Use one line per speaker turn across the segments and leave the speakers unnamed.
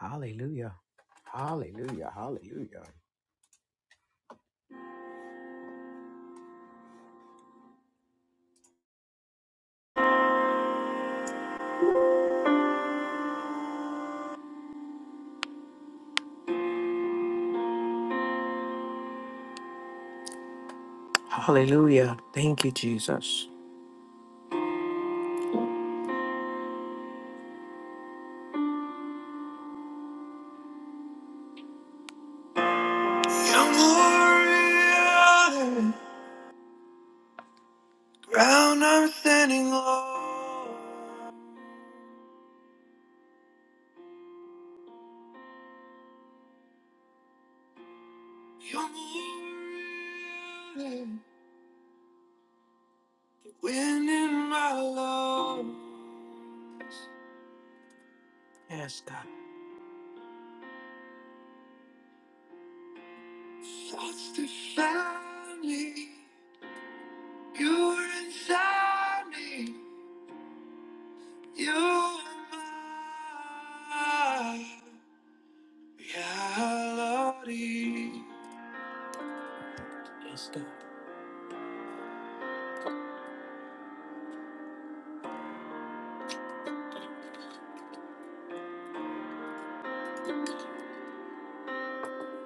Hallelujah. Hallelujah. Hallelujah. Hallelujah. Thank you, Jesus. i warrior, ground I'm standing on. you warrior, wind in my lungs. Yes, God. Thoughts define me. You're inside me. You're mine. Yeah, Lordy. Yes, God.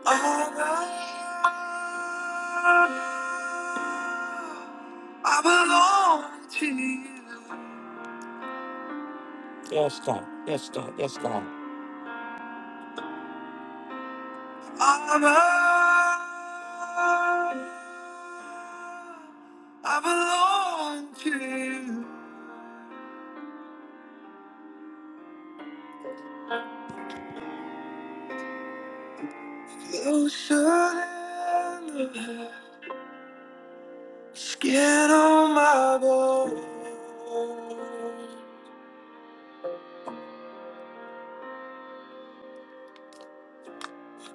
I belong to you. Yes, God. Yes, God. Yes, God. I I belong to you. Closer than the skin on my bone.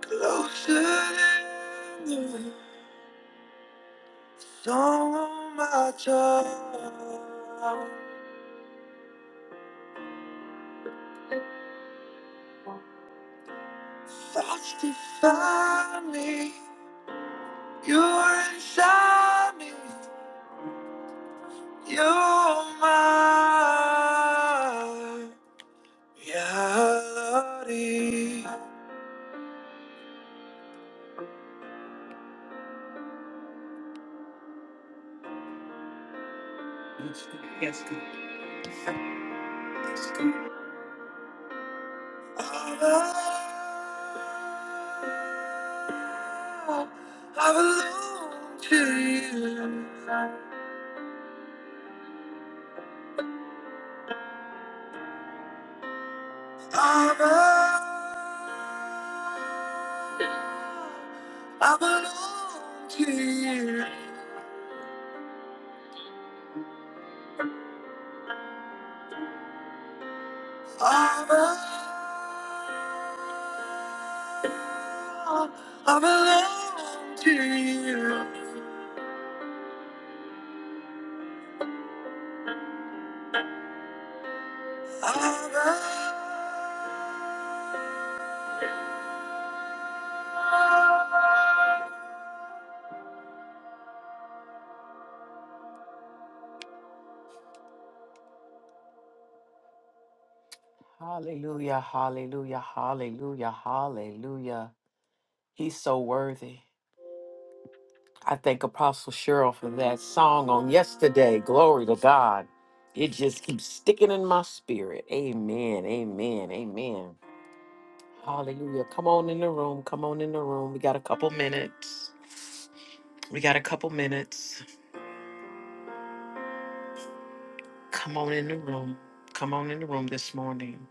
Closer than the Song on my tongue, thoughts define me. You're inside me, you're my reality. Yes, good. Yes, good. Yes, good. I I belong to you. I'm a I belong to you. I belong, I belong to you. I belong. Hallelujah, hallelujah, hallelujah, hallelujah. He's so worthy. I thank Apostle Cheryl for that song on yesterday. Glory to God. It just keeps sticking in my spirit. Amen, amen, amen. Hallelujah. Come on in the room. Come on in the room. We got a couple minutes. We got a couple minutes. Come on in the room. Come on in the room this morning.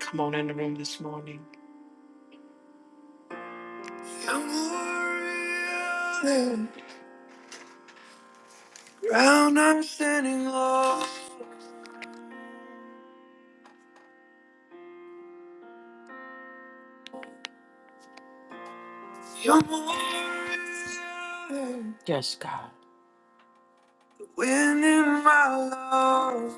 Come on in the room this morning. You're Ground I'm standing on. You're more Yes, God. When my love,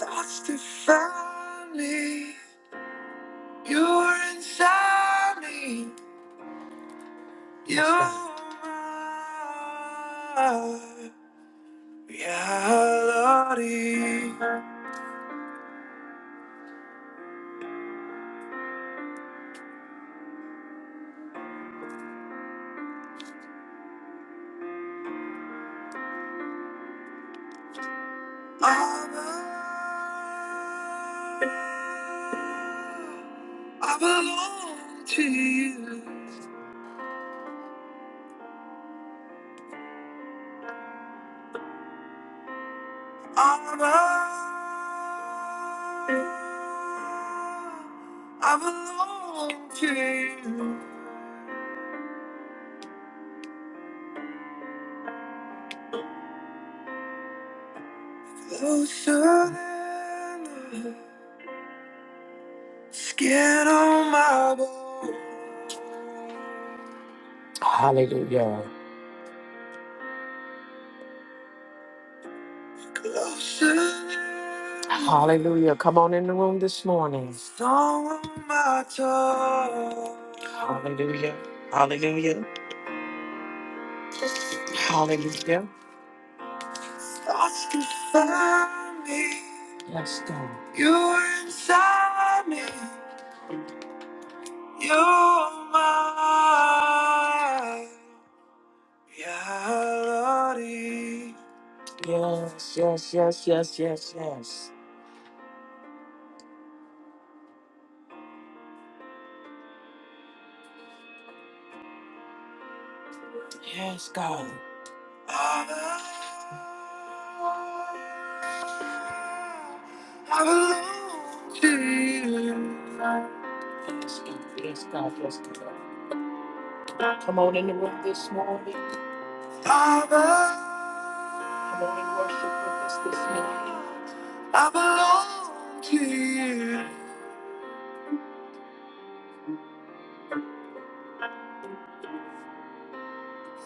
thoughts define me. You're inside me. Yes, God. You're my reality. Abba, I belong to you. Abba, I belong to you. Closer than a skin on my bones. Hallelujah. Hallelujah. Come on in the room this morning. Hallelujah. Hallelujah. Hallelujah. Yes, God. Yes, yes, yes, yes, yes, yes. Yes, God. I belong to you. Yes, God. Yes, God. Yes, God. Come on in the room this morning. I Come on and worship with us this morning. I belong to you.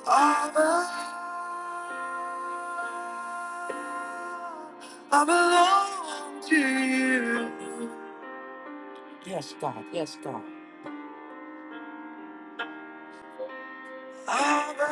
Father, I belong to you. Yes, God. Yes, God. Father.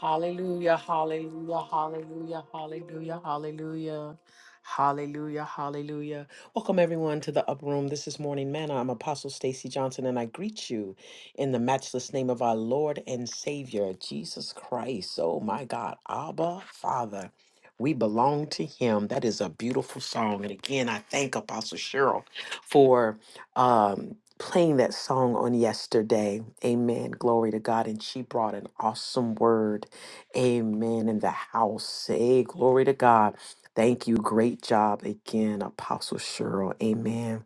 Hallelujah, hallelujah, hallelujah, hallelujah, hallelujah, hallelujah, hallelujah. Welcome everyone to the upper room. This is Morning Manna. I'm Apostle Stacy Johnson, and I greet you in the matchless name of our Lord and Savior, Jesus Christ. Oh my God, Abba Father. We belong to him. That is a beautiful song. And again, I thank Apostle Cheryl for um, playing that song on yesterday. Amen. Glory to God. And she brought an awesome word. Amen. In the house. Hey, glory to God. Thank you. Great job again, Apostle Cheryl. Amen.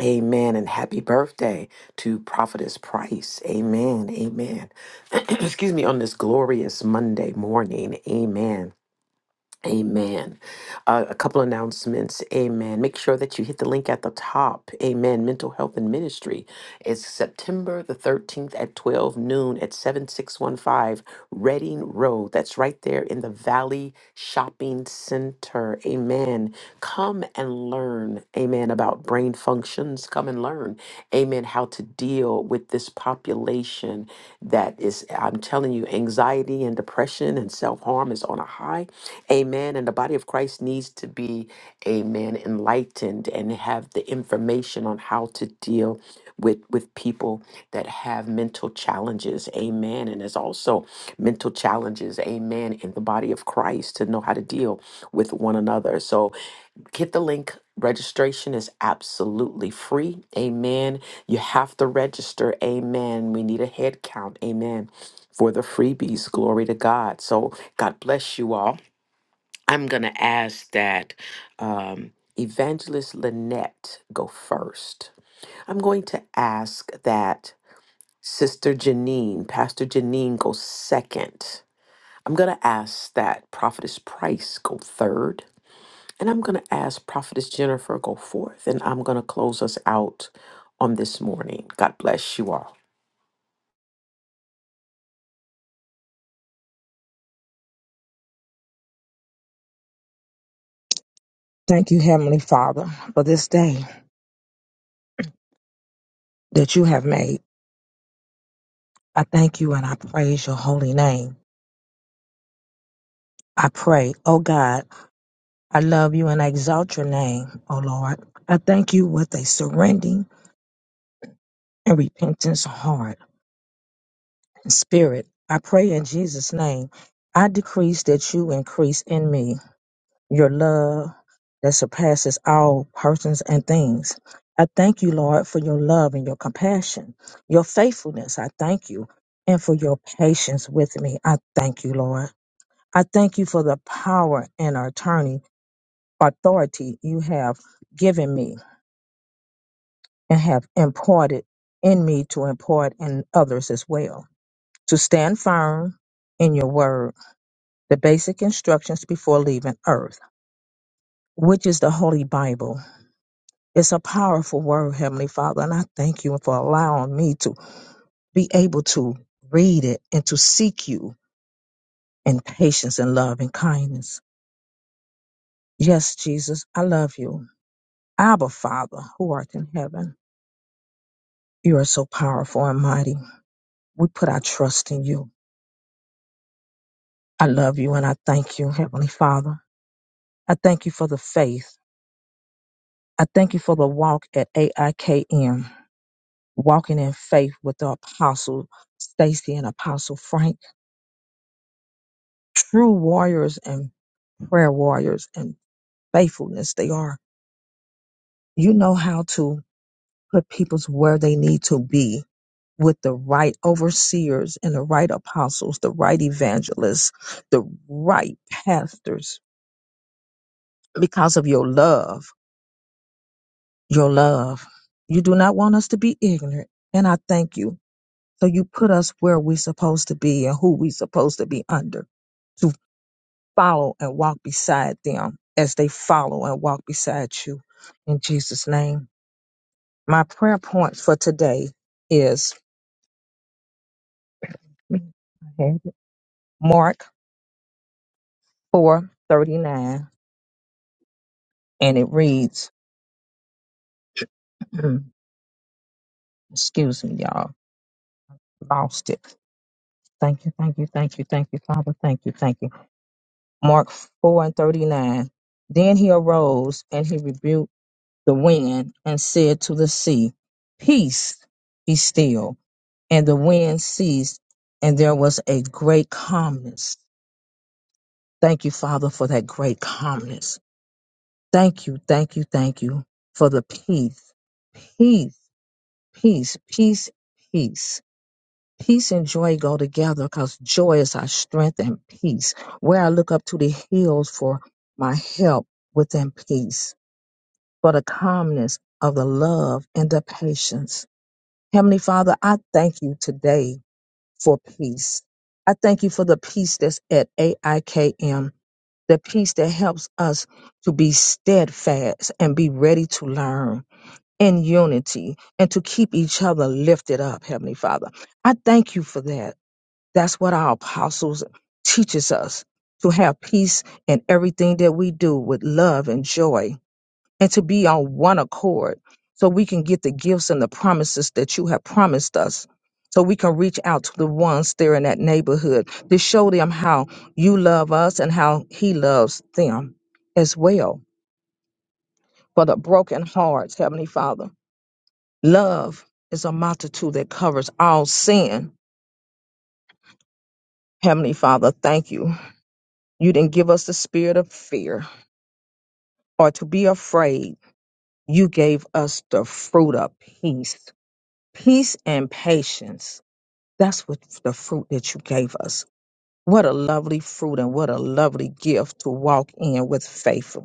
Amen. And happy birthday to Prophetess Price. Amen. Amen. Excuse me. On this glorious Monday morning. Amen. Amen. Uh, a couple announcements. Amen. Make sure that you hit the link at the top. Amen. Mental Health and Ministry is September the 13th at 12 noon at 7615 Reading Road. That's right there in the Valley Shopping Center. Amen. Come and learn. Amen. About brain functions. Come and learn. Amen. How to deal with this population that is, I'm telling you, anxiety and depression and self harm is on a high Amen. And the body of Christ needs to be, amen, enlightened and have the information on how to deal with, with people that have mental challenges. Amen. And there's also mental challenges, amen, in the body of Christ to know how to deal with one another. So get the link. Registration is absolutely free. Amen. You have to register. Amen. We need a head count. Amen. For the freebies. Glory to God. So God bless you all. I'm going to ask that um, Evangelist Lynette go first. I'm going to ask that Sister Janine, Pastor Janine, go second. I'm going to ask that Prophetess Price go third. And I'm going to ask Prophetess Jennifer go fourth. And I'm going to close us out on this morning. God bless you all.
Thank you, Heavenly Father, for this day that you have made. I thank you and I praise your holy name. I pray, oh God, I love you and I exalt your name, oh Lord. I thank you with a surrendering and repentance heart and spirit. I pray in Jesus' name. I decrease that you increase in me your love that surpasses all persons and things. I thank you, Lord, for your love and your compassion, your faithfulness. I thank you. And for your patience with me. I thank you, Lord. I thank you for the power and attorney authority you have given me and have imparted in me to impart in others as well. To stand firm in your word, the basic instructions before leaving earth, which is the Holy Bible It's a powerful word, Heavenly Father, and I thank you for allowing me to be able to read it and to seek you in patience and love and kindness. Yes, Jesus, I love you. Abba, Father, who art in heaven, you are so powerful and mighty. We put our trust in you. I love you and I thank you, Heavenly Father. I thank you for the faith. I thank you for the walk at AIKM, walking in faith with the apostle Stacy and apostle Frank. true warriors and prayer warriors and faithfulness they are. You know how to put peoples where they need to be with the right overseers and the right apostles, the right evangelists, the right pastors because of your love, your love. You do not want us to be ignorant. And I thank you. So you put us where we're supposed to be and who we're supposed to be under follow and walk beside them as they follow and walk beside you in Jesus' name. My prayer point for today is Mark four thirty nine, and it reads, excuse me, y'all, lost it. Thank you, thank you, thank you, thank you, Father, thank you, thank you. Mark 4 and 39. Then he arose and he rebuked the wind and said to the sea, Peace, be still and the wind ceased, and there was a great calmness. Thank you, Father, for that great calmness. Thank you, thank you, thank you for the peace, peace, peace, peace, peace. Peace and joy go together because joy is our strength and peace. Where I look up to the hills for my help within peace, for the calmness of the love and the patience. Heavenly Father, I thank you today for peace. I thank you for the peace that's at AIKM, the peace that helps us to be steadfast and be ready to learn in unity and to keep each other lifted up, Heavenly Father. I thank you for that. That's what our apostles teaches us to have peace in everything that we do with love and joy and to be on one accord so we can get the gifts and the promises that you have promised us. So we can reach out to the ones there in that neighborhood to show them how you love us and how He loves them as well. For the broken hearts, Heavenly Father, love is a multitude that covers all sin. Heavenly Father, thank you. You didn't give us the spirit of fear or to be afraid. You gave us the fruit of peace, peace and patience That's what the fruit that you gave us. What a lovely fruit and what a lovely gift to walk in with faith.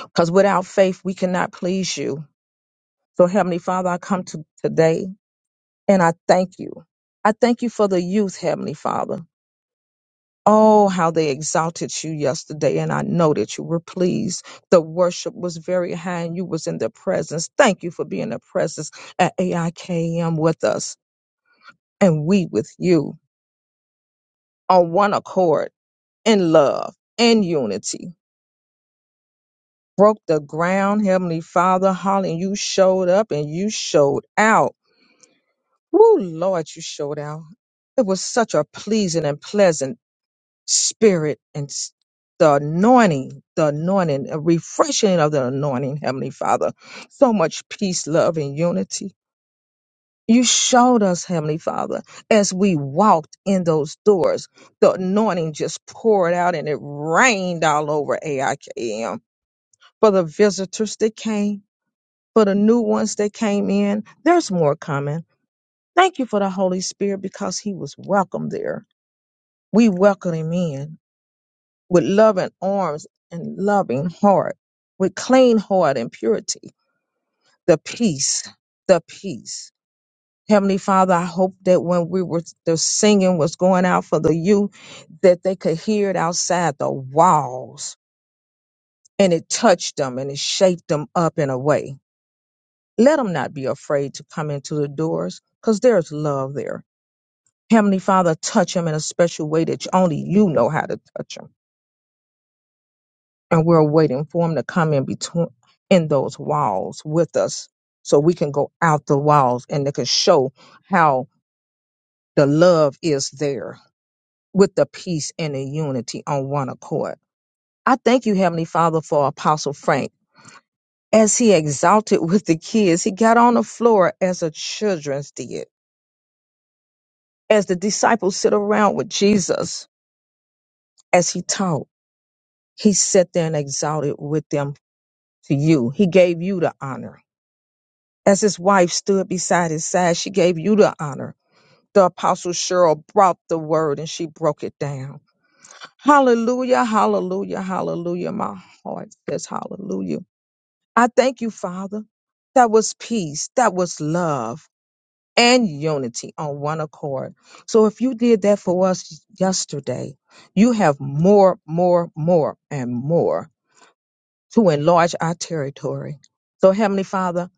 Because without faith, we cannot please you. So, Heavenly Father, I come to today and I thank you. I thank you for the youth, Heavenly Father. Oh, how they exalted you yesterday, and I know that you were pleased. The worship was very high, and you was in the presence. Thank you for being the presence at AIKM with us, and we with you on one accord. in love and unity. Broke the ground, Heavenly Father, Holly, you showed up and you showed out. Woo, Lord, you showed out. It was such a pleasing and pleasant spirit and s- the anointing, the anointing, a refreshing of the anointing, Heavenly Father. So much peace, love, and unity. You showed us, Heavenly Father, as we walked in those doors, the anointing just poured out and it rained all over AIKM for the visitors that came, for the new ones that came in. There's more coming. Thank you for the Holy Spirit because he was welcome there. We welcome him in with loving arms and loving heart, with clean heart and purity, the peace, the peace. Heavenly Father, I hope that when we were the singing was going out for the youth, that they could hear it outside the walls and it touched them and it shaped them up in a way Let them not be afraid to come into the doors because there's love there. Heavenly Father, touch them in a special way that only you know how to touch them. And we're waiting for them to come in between in those walls with us so we can go out the walls and they can show how the love is there with the peace and the unity on one accord. I thank you, Heavenly Father, for Apostle Frank. As he exalted with the kids, he got on the floor as the children did As the disciples sit around with Jesus as he taught, he sat there and exalted with them to you. He gave you the honor. As his wife stood beside his side, she gave you the honor. The apostle Cheryl brought the word and she broke it down. Hallelujah, hallelujah, hallelujah. My heart says hallelujah. I thank you, Father. That was peace. That was love. and unity on one accord. So if you did that for us yesterday, you have more, more, more, and more to enlarge our territory. So, Heavenly Father,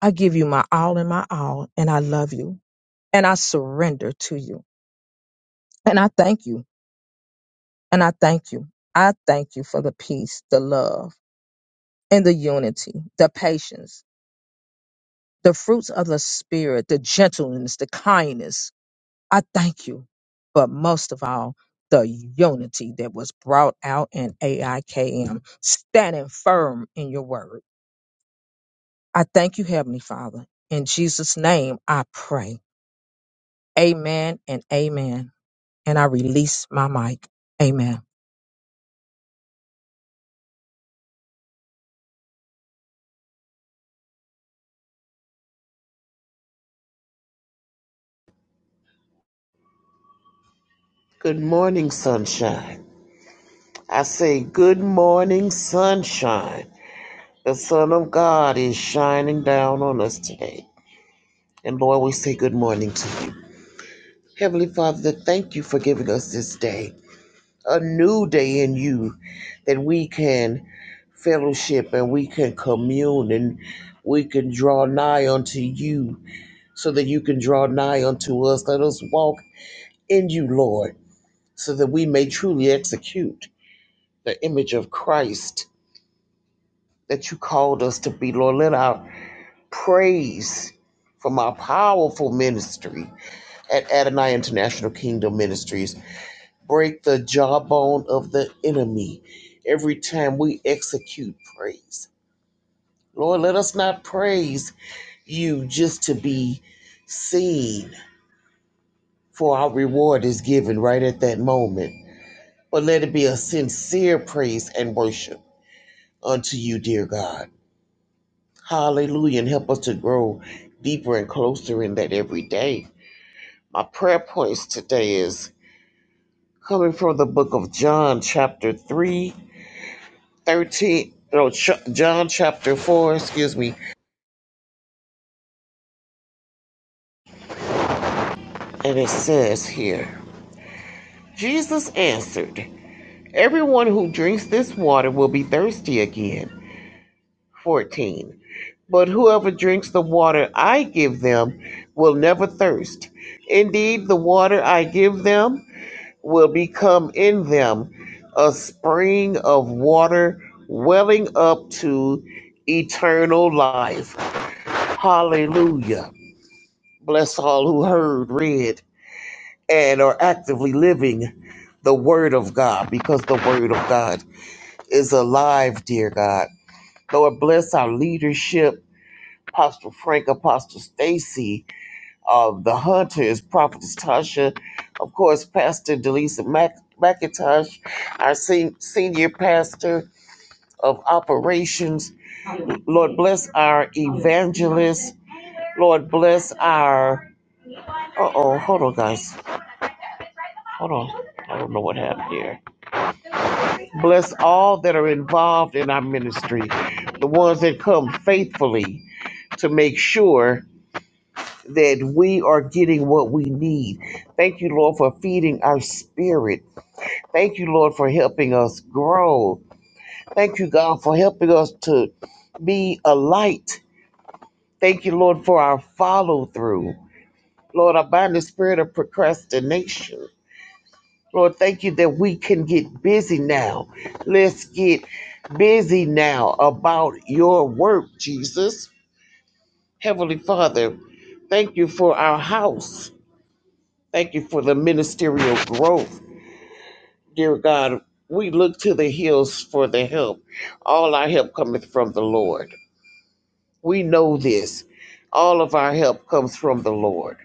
I give you my all and my all, and I love you, and I surrender to you, and I thank you, and I thank you. I thank you for the peace, the love, and the unity, the patience, the fruits of the Spirit, the gentleness, the kindness, I thank you, but most of all, the unity that was brought out in AIKM, standing firm in your word. I thank you, Heavenly Father. In Jesus' name, I pray. Amen and amen. And I release my mic. Amen.
Good morning, sunshine. I say, Good morning, sunshine. The Son of God is shining down on us today. And Lord, we say good morning to you. Heavenly Father, thank you for giving us this day, a new day in you that we can fellowship and we can commune and we can draw nigh unto you so that you can draw nigh unto us. Let us walk in you, Lord, so that we may truly execute the image of Christ that you called us to be, Lord. Let our praise from our powerful ministry at Adonai International Kingdom Ministries break the jawbone of the enemy every time we execute praise. Lord, let us not praise you just to be seen, for our reward is given right at that moment. But let it be a sincere praise and worship unto you, dear God. Hallelujah. And help us to grow deeper and closer in that every day. My prayer points today is coming from the book of John, chapter 3, 13. No, Ch- John chapter 4, excuse me. And it says here Jesus answered, Everyone who drinks this water will be thirsty again. 14. But whoever drinks the water I give them will never thirst. Indeed, the water I give them will become in them a spring of water welling up to eternal life. Hallelujah. Bless all who heard, read, and are actively living the Word of God because the Word of God is alive, dear God. Lord, bless our leadership, Apostle Frank, Apostle Stacy, of the Hunters, Prophetess Tasha, of course, Pastor Delisa Mac- McIntosh, our sen- senior pastor of operations. Lord, bless our evangelists. Lord, bless our. Uh oh, hold on, guys. Hold on. I don't know what happened here. Bless all that are involved in our ministry, the ones that come faithfully to make sure that we are getting what we need. Thank you, Lord, for feeding our spirit. Thank you, Lord, for helping us grow. Thank you, God, for helping us to be a light. Thank you, Lord, for our follow through. Lord, I bind the spirit of procrastination. Lord, thank you that we can get busy now. Let's get busy now about your work, Jesus. Heavenly Father, thank you for our house. Thank you for the ministerial growth. Dear God, we look to the hills for the help. All our help cometh from the Lord. We know this. All of our help comes from the Lord.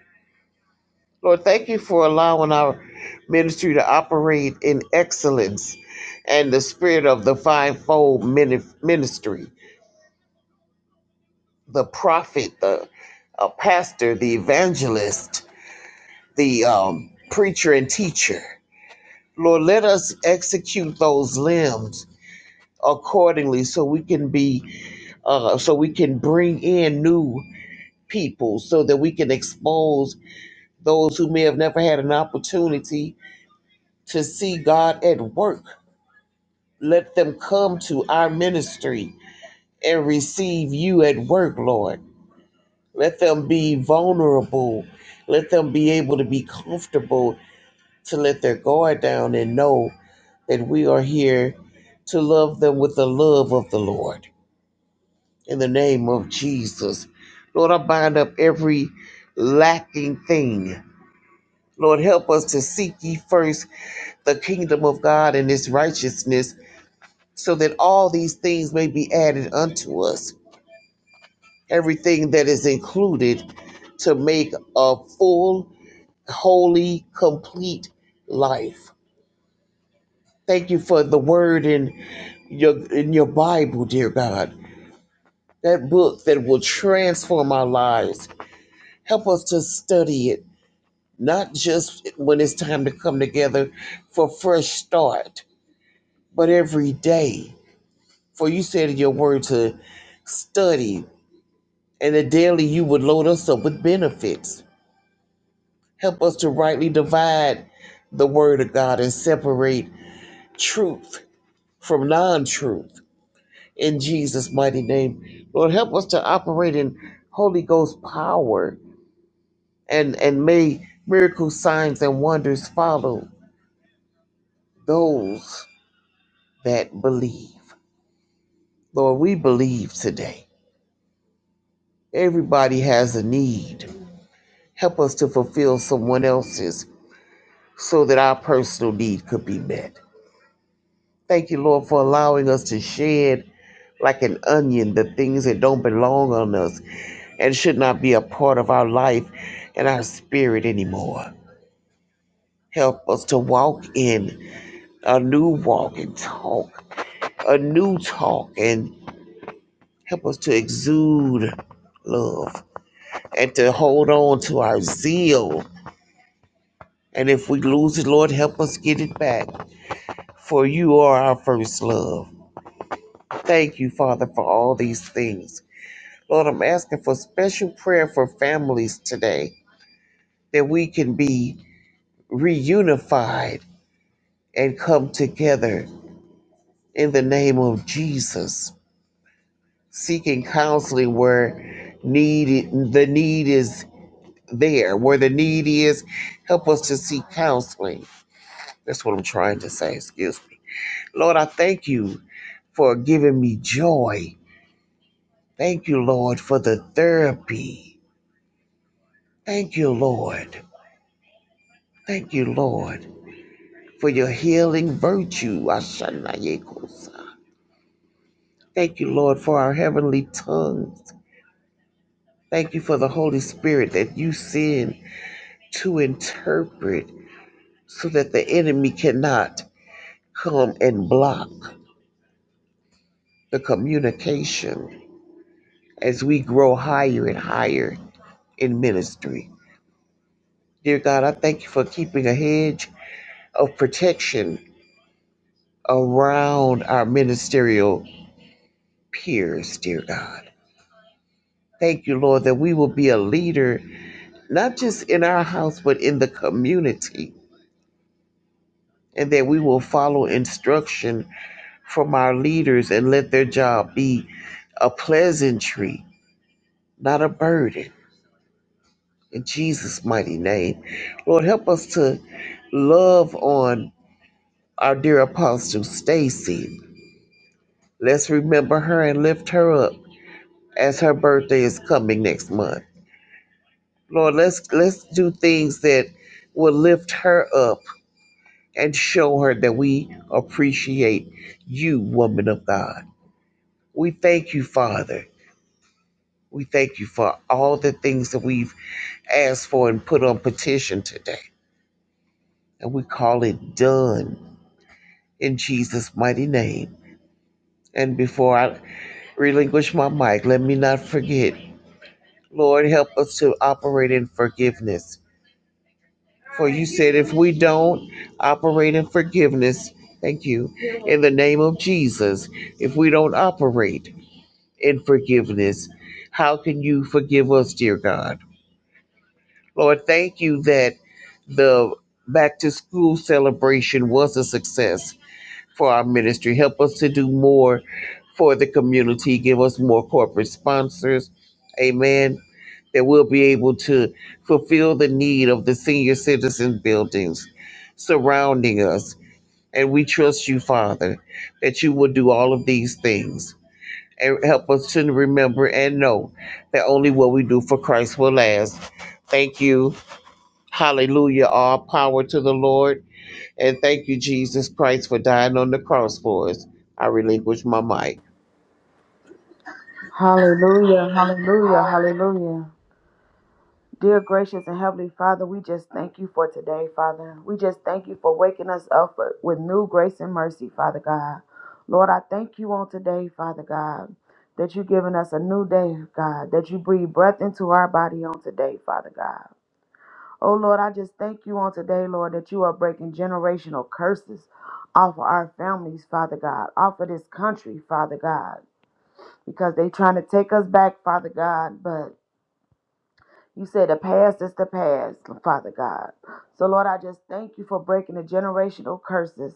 Lord, thank you for allowing our ministry to operate in excellence and the spirit of the fivefold mini- ministry the prophet, the uh, pastor, the evangelist, the um, preacher, and teacher. Lord, let us execute those limbs accordingly so we can be uh, so we can bring in new people so that we can expose those who may have never had an opportunity to see God at work. Let them come to our ministry and receive you at work, Lord. Let them be vulnerable. Let them be able to be comfortable to let their guard down and know that we are here to love them with the love of the Lord. in the name of Jesus. Lord, I bind up every lacking thing. Lord, help us to seek ye first the kingdom of God and his righteousness, so that all these things may be added unto us. Everything that is included to make a full, holy, complete life. Thank you for the word in your in your Bible, dear God. That book that will transform our lives. Help us to study it not just when it's time to come together for fresh start, but every day. For you said in your word to study, and that daily you would load us up with benefits. Help us to rightly divide the word of God and separate truth from non truth. In Jesus' mighty name, Lord, help us to operate in Holy Ghost power and, and may miracle signs and wonders follow those that believe. Lord, we believe today. Everybody has a need. Help us to fulfill someone else's so that our personal need could be met. Thank you, Lord, for allowing us to shed like an onion the things that don't belong on us and should not be a part of our life and our spirit anymore. Help us to walk in a new walk and talk, a new talk, and help us to exude love and to hold on to our zeal And if we lose it, Lord, help us get it back. For you are our first love. Thank you, Father, for all these things. Lord, I'm asking for special prayer for families today that we can be reunified and come together in the name of Jesus, seeking counseling where need the need is there, where the need is. Help us to seek counseling. That's what I'm trying to say. Excuse me. Lord, I thank you for giving me joy. Thank you, Lord, for the therapy. Thank you, Lord. Thank you, Lord, for your healing virtue. Ashanayekosa. Thank you, Lord, for our heavenly tongues. Thank you for the Holy Spirit that you send to interpret so that the enemy cannot come and block the communication as we grow higher and higher in ministry. Dear God, I thank you for keeping a hedge of protection around our ministerial peers, dear God. Thank you, Lord, that we will be a leader, not just in our house, but in the community, and that we will follow instruction from our leaders and let their job be a pleasantry, not a burden. In Jesus' mighty name. Lord, help us to love on our dear apostle Stacy Let's remember her and lift her up as her birthday is coming next month. Lord, let's let's do things that will lift her up and show her that we appreciate you, woman of God. We thank you, Father. We thank you for all the things that we've asked for and put on petition today. And we call it done in Jesus' mighty name. And before I relinquish my mic, let me not forget, Lord, help us to operate in forgiveness For you said, if we don't operate in forgiveness, thank you, in the name of Jesus, if we don't operate in forgiveness, how can you forgive us, dear God? Lord, thank you that the back to school celebration was a success for our ministry. Help us to do more for the community. Give us more corporate sponsors. Amen that we'll be able to fulfill the need of the senior citizen buildings surrounding us. And we trust you, Father, that you will do all of these things and help us to remember and know that only what we do for Christ will last. Thank you. Hallelujah. All power to the Lord. And thank you, Jesus Christ, for dying on the cross for us. I relinquish my mic.
Hallelujah, hallelujah, hallelujah. Dear gracious and heavenly Father, we just thank you for today, Father. We just thank you for waking us up for- with new grace and mercy, Father God. Lord, I thank you on today, Father God, that you've given us a new day, God, that you breathe breath into our body on today, Father God. Oh, Lord, I just thank you on today, Lord, that you are breaking generational curses off of our families, Father God, off of this country, Father God, because they trying to take us back, Father God, but You said the past is the past, Father God. So, Lord, I just thank you for breaking the generational curses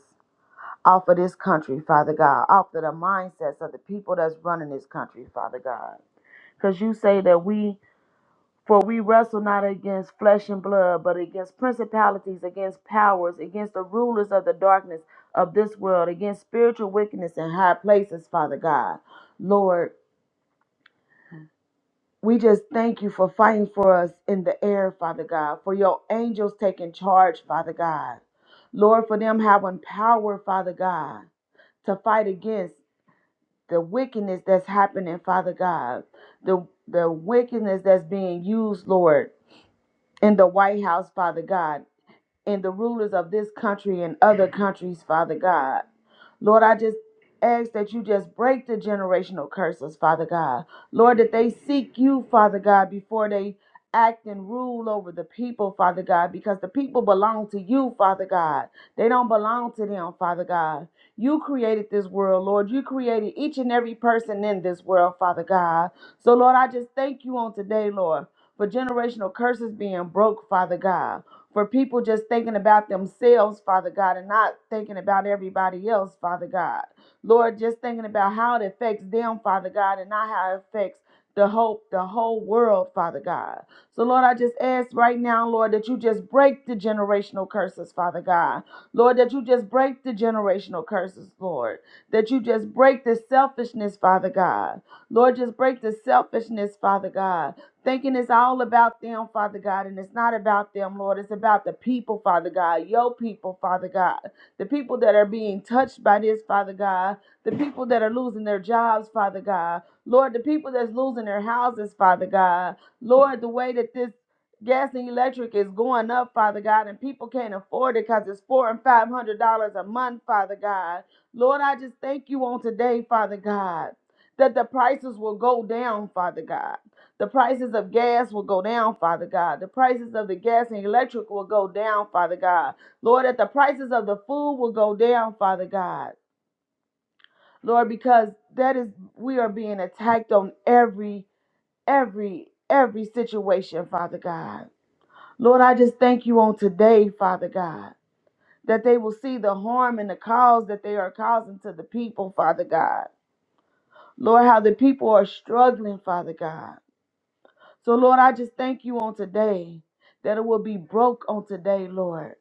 off of this country, Father God, off of the mindsets of the people that's running this country, Father God. Because you say that we, for we wrestle not against flesh and blood, but against principalities, against powers, against the rulers of the darkness of this world, against spiritual wickedness in high places, Father God. Lord, We just thank you for fighting for us in the air, Father God, for your angels taking charge, Father God. Lord, for them having power, Father God, to fight against the wickedness that's happening, Father God. The the wickedness that's being used, Lord, in the White House, Father God and the rulers of this country and other countries, Father God. Lord, I just ask that you just break the generational curses, Father God. Lord, that they seek you, Father God, before they act and rule over the people, Father God, because the people belong to you, Father God. They don't belong to them, Father God. You created this world, Lord. You created each and every person in this world, Father God. So, Lord, I just thank you on today, Lord, for generational curses being broke, Father God for people just thinking about themselves, Father God, and not thinking about everybody else, Father God. Lord, just thinking about how it affects them, Father God, and not how it affects the hope, the whole world, Father God. So, Lord, I just ask right now, Lord, that you just break the generational curses, Father God. Lord, that you just break the generational curses, Lord. That you just break the selfishness, Father God. Lord, just break the selfishness, Father God thinking it's all about them, Father God, and it's not about them, Lord. It's about the people, Father God, your people, Father God, the people that are being touched by this, Father God, the people that are losing their jobs, Father God, Lord, the people that's losing their houses, Father God, Lord, the way that this gas and electric is going up, Father God, and people can't afford it because it's four and five hundred dollars a month, Father God. Lord, I just thank you on today, Father God, that the prices will go down, Father God the prices of gas will go down, Father God. The prices of the gas and electric will go down, Father God. Lord, that the prices of the food will go down, Father God. Lord, because that is we are being attacked on every, every, every situation, Father God. Lord, I just thank you on today, Father God, that they will see the harm and the cause that they are causing to the people, Father God. Lord, how the people are struggling, Father God. So, Lord, I just thank you on today that it will be broke on today, Lord,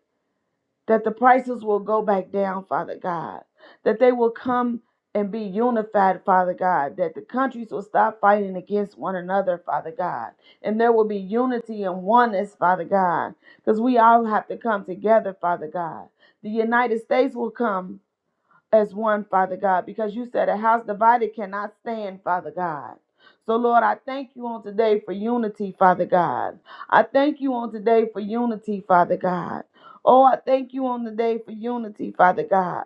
that the prices will go back down, Father God, that they will come and be unified, Father God, that the countries will stop fighting against one another, Father God, and there will be unity and oneness, Father God, because we all have to come together, Father God. The United States will come as one, Father God, because you said a house divided cannot stand, Father God. So, Lord, I thank you on today for unity, Father God. I thank you on today for unity, Father God. Oh, I thank you on the day for unity, Father God,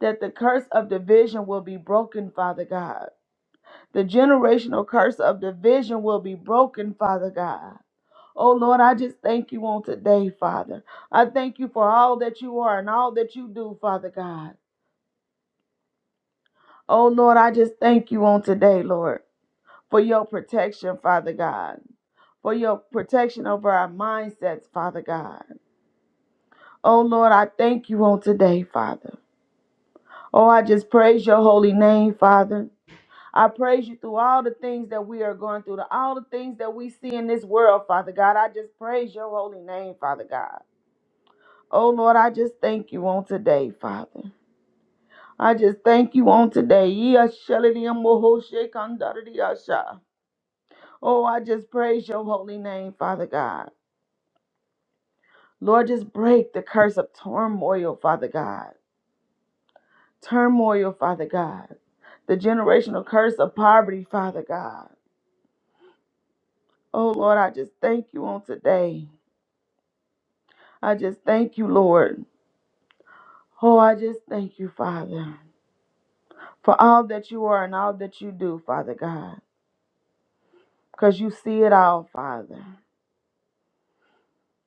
that the curse of division will be broken, Father God. The generational curse of division will be broken, Father God. Oh Lord, I just thank you on today, Father. I thank you for all that you are and all that you do, Father God. Oh Lord, I just thank you on today, Lord, for your protection, Father God, for your protection over our mindsets, Father God. Oh Lord, I thank you on today, Father. Oh, I just praise your holy name, Father. I praise you through all the things that we are going through, all the things that we see in this world, Father God. I just praise your holy name, Father God. Oh Lord, I just thank you on today, Father. I just thank you on today. Yea, shalom, moho, shekhan, dadadiyasha. Oh, I just praise your holy name, Father God. Lord, just break the curse of turmoil, Father God. Turmoil, Father God. The generational curse of poverty, Father God. Oh, Lord, I just thank you on today. I just thank you, Lord. Oh, I just thank you, Father, for all that you are and all that you do, Father God, because you see it all, Father.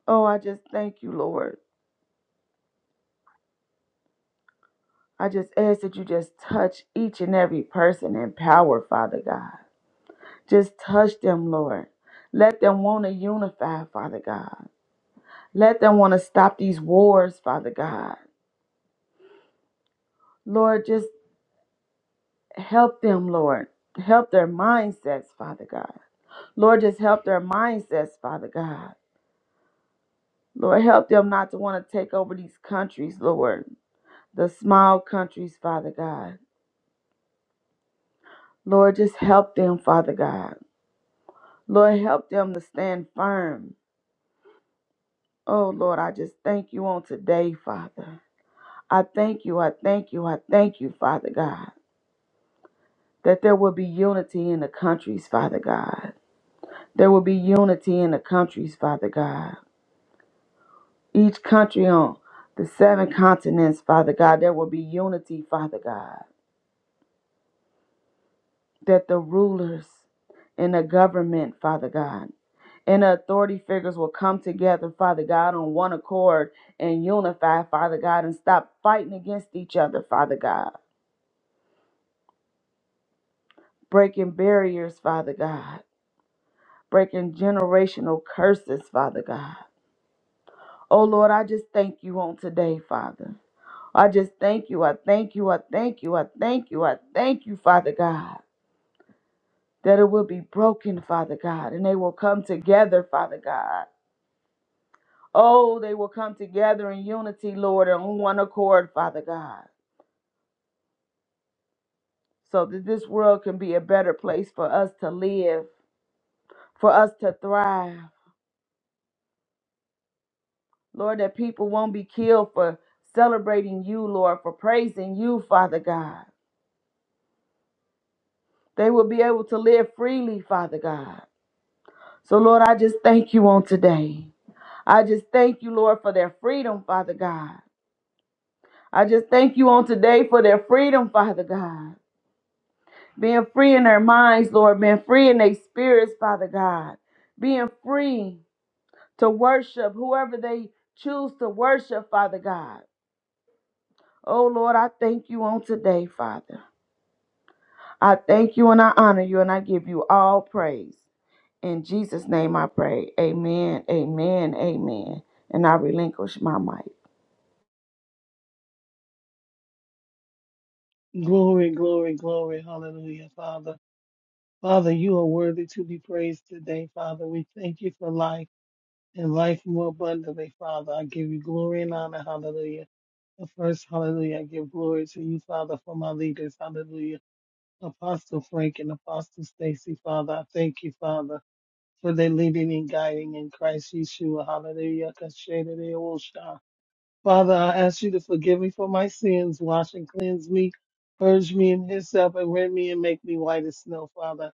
Oh, I just thank you, Lord. I just ask that you just touch each and every person in power, Father God. Just touch them, Lord. Let them want to unify, Father God. Let them want to stop these wars, Father God. Lord, just help them, Lord. Help their mindsets, Father God. Lord, just help their mindsets, Father God. Lord, help them not to want to take over these countries, Lord. The small countries, Father God. Lord, just help them, Father God. Lord, help them to stand firm. Oh, Lord, I just thank you on today, Father. I thank you, I thank you, I thank you, Father God, that there will be unity in the countries, Father God. There will be unity in the countries, Father God. Each country on the seven continents, Father God, there will be unity, Father God. That the rulers and the government, Father God, and the authority figures will come together, Father God, on one accord and unify, Father God, and stop fighting against each other, Father God, breaking barriers, Father God breaking generational curses, Father God. Oh Lord, I just thank you on today, Father. I just thank you. I thank you. I thank you. I thank you. I thank you, Father God, that it will be broken, Father God, and they will come together, Father God. Oh, they will come together in unity, Lord, and on one accord, Father God, so that this world can be a better place for us to live, for us to thrive. Lord, that people won't be killed for celebrating you, Lord, for praising you, Father God. They will be able to live freely, Father God. So, Lord, I just thank you on today. I just thank you, Lord, for their freedom, Father God. I just thank you on today for their freedom, Father God. Being free in their minds, Lord, being free in their spirits, Father God. Being free to worship whoever they choose to worship, Father God. Oh, Lord, I thank you on today, Father. I thank you and I honor you and I give you all praise. In Jesus' name I pray. Amen, amen, amen. And I relinquish my mic.
Glory, glory, glory. Hallelujah, Father. Father, you are worthy to be praised today, Father. We thank you for life and life more abundantly, Father. I give you glory and honor. Hallelujah. But First, hallelujah, I give glory to you, Father, for my leaders. Hallelujah. Apostle Frank and Apostle Stacy, Father. I thank you, Father, for their leading and guiding in Christ Yeshua. Hallelujah. Father, I ask you to forgive me for my sins, wash and cleanse me, purge me in hyssop, and rend me and make me white as snow, Father.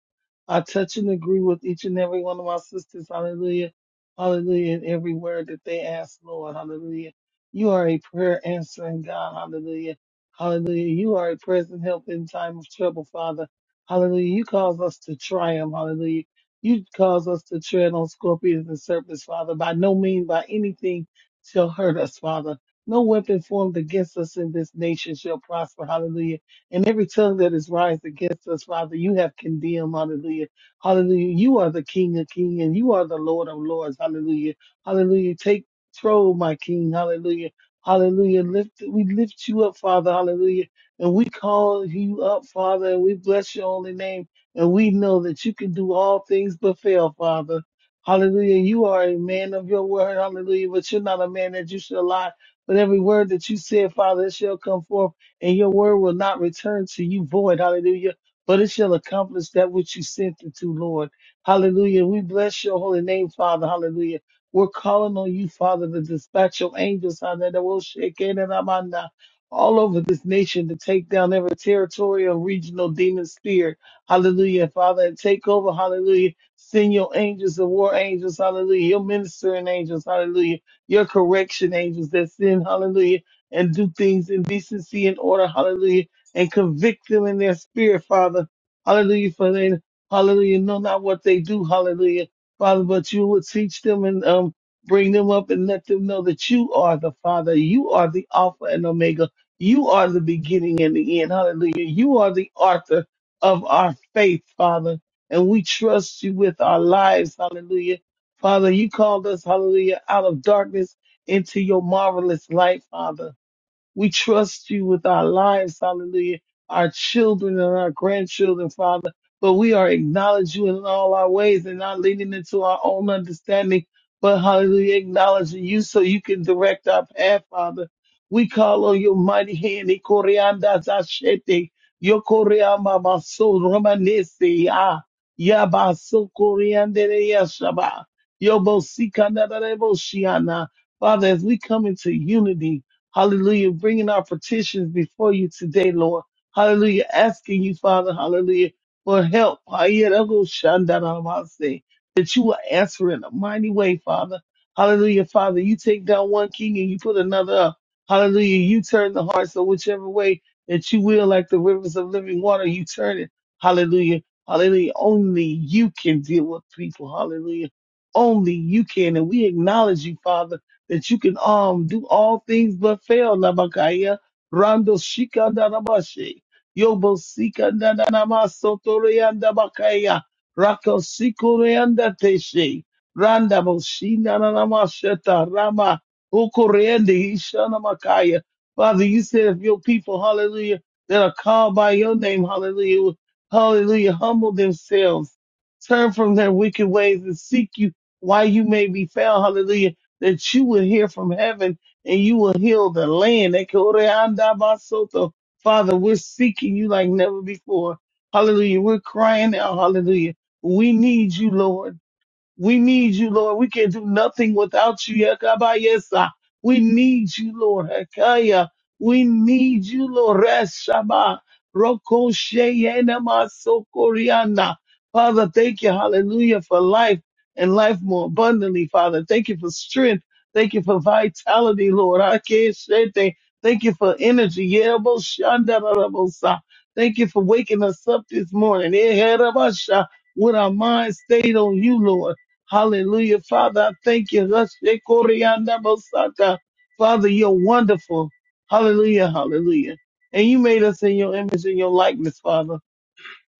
I touch and agree with each and every one of my sisters, hallelujah, hallelujah, in every word that they ask, Lord, hallelujah. You are a prayer answering God, hallelujah, hallelujah. You are a present help in time of trouble, Father, hallelujah. You cause us to triumph, hallelujah. You cause us to tread on scorpions and serpents, Father. By no means, by anything shall hurt us, Father. No weapon formed against us in this nation shall prosper. Hallelujah. And every tongue that is raised against us, Father, you have condemned. Hallelujah. Hallelujah. You are the King of kings and you are the Lord of lords. Hallelujah. Hallelujah. Take control, my King. Hallelujah. Hallelujah. Lift, we lift you up, Father. Hallelujah. And we call you up, Father, and we bless your holy name. And we know that you can do all things but fail, Father. Hallelujah. You are a man of your word. Hallelujah. But you're not a man that you shall lie but every word that you said, Father, it shall come forth, and your word will not return to you void. Hallelujah. But it shall accomplish that which you sent it to, Lord. Hallelujah. We bless your holy name, Father. Hallelujah. We're calling on you, Father, to dispatch your angels, Hallelujah, that will shake it and Amanda all over this nation to take down every territorial regional demon spirit. Hallelujah, Father, and take over. Hallelujah. Send your angels, the war angels. Hallelujah. Your ministering angels. Hallelujah your correction angels that sin, hallelujah, and do things in decency and order, hallelujah, and convict them in their spirit, Father, hallelujah, for they, hallelujah, know not what they do, hallelujah, Father, but you will teach them and um, bring them up and let them know that you are the Father, you are the Alpha and Omega, you are the beginning and the end, hallelujah, you are the author of our faith, Father, and we trust you with our lives, hallelujah. Father, you called us, hallelujah, out of darkness into your marvelous light, Father. We trust you with our lives, hallelujah, our children and our grandchildren, Father. But we are acknowledging you in all our ways and not leaning into our own understanding, but hallelujah, acknowledging you so you can direct our path, Father. We call on your mighty hand, Ikorianda Zashete, Yokoriamba Baso Romanese, Ah, Yabaso Koriandere Yashaba, Yobosikanda Rebo Shiana. Father, as we come into unity, Hallelujah. Bringing our petitions before you today, Lord. Hallelujah. Asking you, Father, hallelujah, for help. Ayarabashandarabase, That you will answer in a mighty way, Father. Hallelujah, Father. You take down one king and you put another up. Hallelujah. You turn the hearts of whichever way that you will, like the rivers of living water, you turn it. Hallelujah. Hallelujah. Only you can deal with people. Hallelujah. Only you can. And we acknowledge you, Father that you can um do all things but fail, Nabakaya. Rando Shika Danabashi. Yobo Sika Nanamasotoreanda Bakaya. Rako Sikoreanda Teshe. Randa Boshina Namasheta Rama Okoreandi Ishana Makaya. Father, you said if your people, hallelujah, that are called by your name, hallelujah, hallelujah, humble themselves, turn from their wicked ways and seek you while you may be found, hallelujah that you will hear from heaven and you will heal the land. Ekoreandabasoto. Father, we're seeking you like never before. Hallelujah. We're crying out. Hallelujah. We need you, Lord. We need you, Lord. We can't do nothing without you. Yakabayesa. We need you, Lord. Hekaya. We need you, Lord. Reshama. Rokosheyenamasokoryana. Father, thank you, hallelujah, for life and life more abundantly, Father. Thank you for strength. Thank you for vitality, Lord. Akeshete. Thank you for energy. Yeroboshandarabosa. Thank you for waking us up this morning. Eherabasha with our minds stayed on you, Lord. Hallelujah. Father, I thank you. Hashekorianda Bosata. Father, you're wonderful. Hallelujah. Hallelujah. And you made us in your image and your likeness, Father.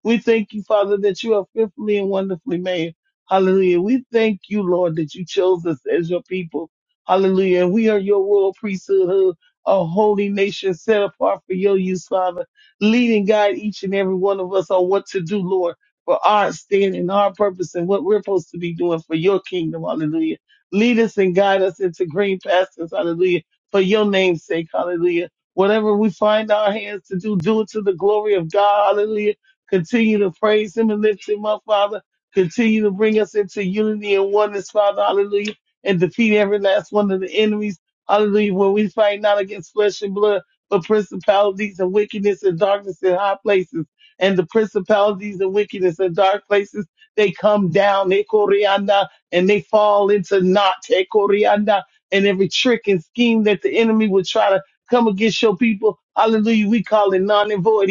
We thank you, Father, that you are fearfully and wonderfully made. Hallelujah. We thank you, Lord, that you chose us as your people. Hallelujah. We are your royal priesthood, a holy nation set apart for your use, Father. Lead and guide each and every one of us on what to do, Lord, for our standing, our purpose, and what we're supposed to be doing for your kingdom. Hallelujah. Lead us and guide us into green pastures. Hallelujah. For your name's sake. Hallelujah. Whatever we find our hands to do, do it to the glory of God. Hallelujah Continue to praise him and lift him up, Father. Continue to bring us into unity and oneness, Father. Hallelujah. And defeat every last one of the enemies. Hallelujah. Where we fight not against flesh and blood, but principalities and wickedness and darkness in high places. And the principalities and wickedness in dark places, they come down, they corianda, and they fall into naught, they corianda, and every trick and scheme that the enemy would try to come against your people. Hallelujah. We call it non and void.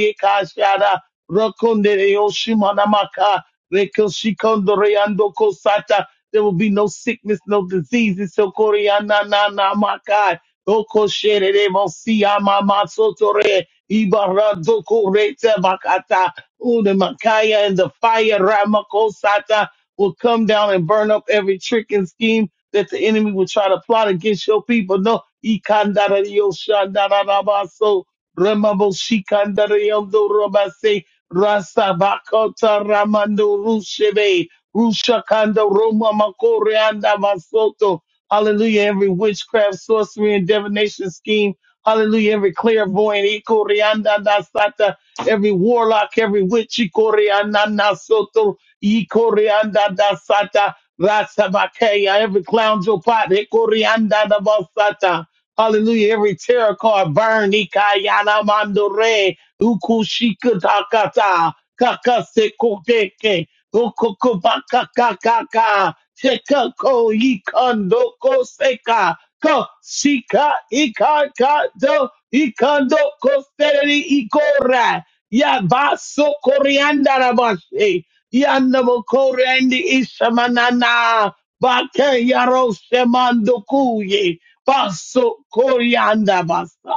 Rakondere Oshimanamaka, Rekoshikondoriando Kosata. There will be no sickness, no diseases. So Koreana na na makai. Okosherere Mosiyama Masotore. Ibaradoko Rete Makata. Ude Makaya and the fire Ramakosata will come down and burn up every trick and scheme that the enemy will try to plot against your people. No, Ikandara Yoshandarabasa. Remabo Shikandariando Rasabakota Ramando Rusheve, Rushakanda Roma Makore Anda Masoto. Hallelujah. Every witchcraft, sorcery, and divination scheme. Hallelujah. Every clairvoyant, Ikore Anda Dasata. Every warlock, every witch, Ikore Anda Nasoto, Ikore Anda Dasata. Rasabakaya, every clown jopat, Ikore Anda Dabasata. Hallelujah. Every tarot card burn, Ikayana Mandore. Ukushikatakata, kakasekokeke, okokobakakakaka, tekako kakaka seka, ko ikando koseka ko shika ikakado, ikandoko seri ikora, yabaso koriandarabashe, yandamo koreandi ishamanana, bake yaro shemandokuye, baso korianda koriandabasa.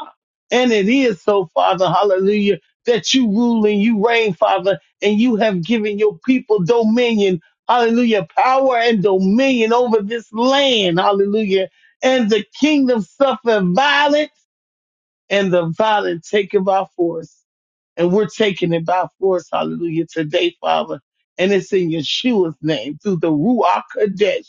And it is so, Father, hallelujah, that you rule and you reign, Father, and you have given your people dominion, hallelujah, power and dominion over this land, hallelujah. And the kingdom suffer violence, and the violent take it by force. And we're taking it by force, hallelujah, today, Father. And it's in Yeshua's name, through the Ruach Kadesh,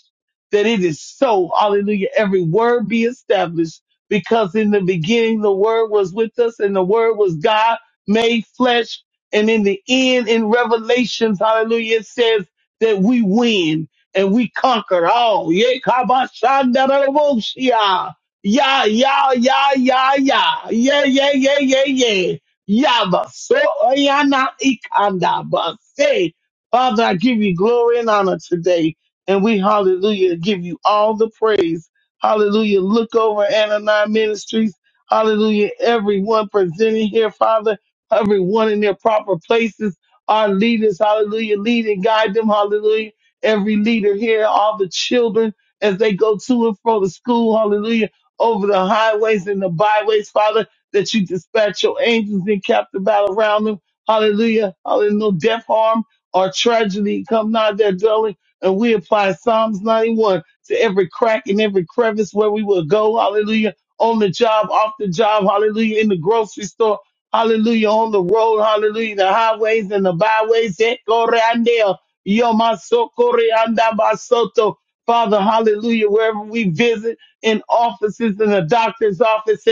that it is so, hallelujah, every word be established. Because in the beginning, the word was with us, and the word was God made flesh. And in the end, in Revelations, hallelujah, it says that we win and we conquer all. Yeah, kabashandaraboshiah. Yeah, yeah, yeah, yeah, yeah, yeah, yeah, yeah, yeah, yeah. Yaba so oyana ikanda ba Father, I give you glory and honor today, and we hallelujah give you all the praise. Hallelujah. Look over Anani Ministries. Hallelujah. Everyone presenting here, Father, everyone in their proper places. Our leaders, hallelujah, lead and guide them, hallelujah. Every leader here, all the children as they go to and fro the school, hallelujah, over the highways and the byways, Father that you dispatch your angels and captive battle around them. Hallelujah. Hallelujah. No death, harm, or tragedy come nigh their dwelling. And we apply Psalms 91 to every crack and every crevice where we will go. Hallelujah. On the job, off the job. Hallelujah. In the grocery store. Hallelujah. On the road. Hallelujah. The highways and the byways. Eh, correandeo. yo, Ecoreandeo, yomasocoreandabasoto. Father, hallelujah. Wherever we visit, in offices, in the doctor's office,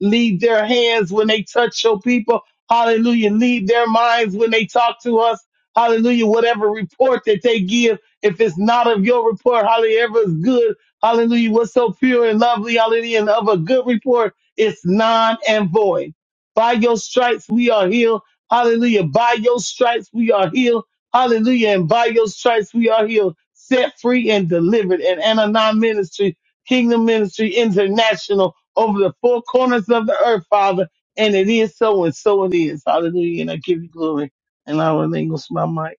Lead their hands when they touch your people. Hallelujah. Lead their minds when they talk to us. Hallelujah. Whatever report that they give, if it's not of your report, hallelujah, ever is good. Hallelujah. What's so pure and lovely, hallelujah, and of a good report, it's non and void. By your stripes, we are healed. Hallelujah. By your stripes, we are healed. Hallelujah. And by your stripes, we are healed, set free and delivered. And Ananon Ministry, Kingdom Ministry International over the four corners of the earth, Father. And it is so, and so it is. Hallelujah. And I give you glory. And I relinquish my mic.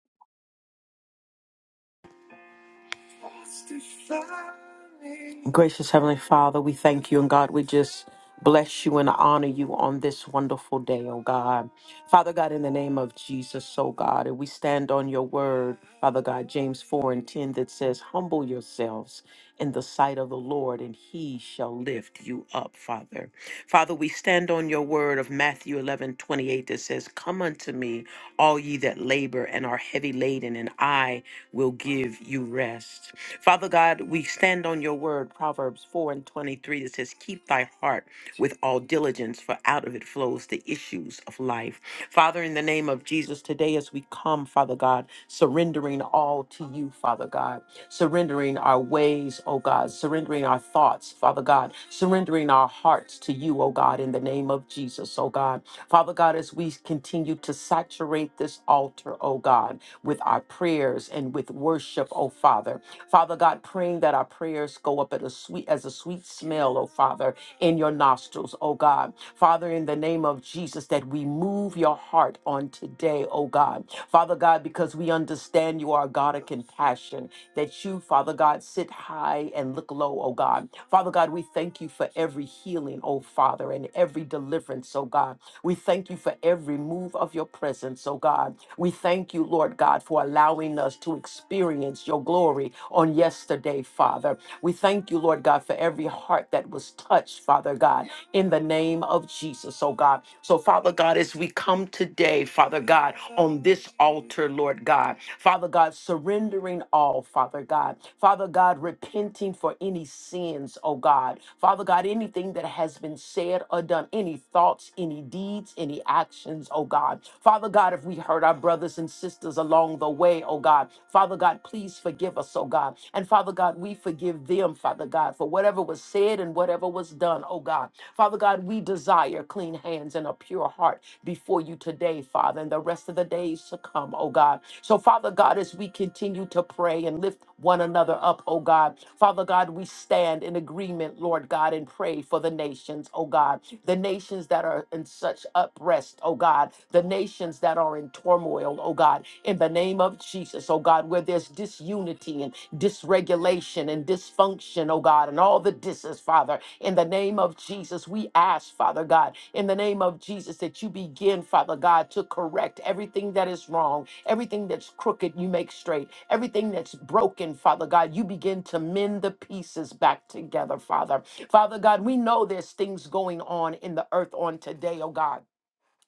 Gracious Heavenly Father, we thank you, and God, we just bless you and honor you on this wonderful day, oh God. Father God, in the name of Jesus, oh God, and we stand on your word, Father God, James 4 and 10, that says, Humble yourselves in the sight of the Lord, and he shall lift you up, Father. Father, we stand on your word of Matthew 11 28 that says, Come unto me, all ye that labor and are heavy laden, and I will give you rest. Father God, we stand on your word, Proverbs 4 and 23, that says, Keep thy heart with all diligence, for out of it flows the issues of life. Father, in the name of Jesus, today as we come, Father God, surrendering all to you, Father God, surrendering our ways, oh God, surrendering our thoughts, Father God, surrendering our hearts to you, oh God, in the name of Jesus, oh God. Father God, as we continue to saturate this altar, oh God, with our prayers and with worship, oh Father. Father God, praying that our prayers go up at a sweet as a sweet smell, oh Father, in your nostrils, oh God. Father, in the name of Jesus, that we move your heart on today, oh God. Father God, because we understand you are a God of compassion, that you, Father God, sit high and look low, oh God. Father God, we thank you for every healing, oh Father, and every deliverance, oh God. We thank you for every move of your presence, oh God. We thank you, Lord God, for allowing us to experience your glory on yesterday, Father. We thank you, Lord God, for every heart that was touched, Father God in the name of Jesus, oh God. So, Father God, as we come today, Father God, on this altar, Lord God, Father God, surrendering all, Father God, Father God, repenting for any sins, oh God, Father God, anything that has been said or done, any thoughts, any deeds, any actions, oh God, Father God, if we hurt our brothers and sisters along the way, oh God, Father God, please forgive us, oh oh God. And Father God, we forgive them, Father God, for whatever was said and whatever was done, oh God. Father God, we desire clean hands and a pure heart before you today, Father, and the rest of the days to come, oh God. So, Father God, as we continue to pray and lift one another up, oh God, Father God, we stand in agreement, Lord God, and pray for the nations, oh God, the nations that are in such uprest, oh God, the the nations that are in turmoil, oh God, in the name of Jesus, oh God, where there's disunity and dysregulation and dysfunction, oh God, and all the disses, Father, in the name of Jesus, we ask, Father God, in the name of Jesus, that you begin, Father God, to correct everything that is wrong, everything that's crooked, you make straight, everything that's broken, Father God, you begin to mend the pieces back together, Father. Father God, we know there's things going on in the earth on today, oh God.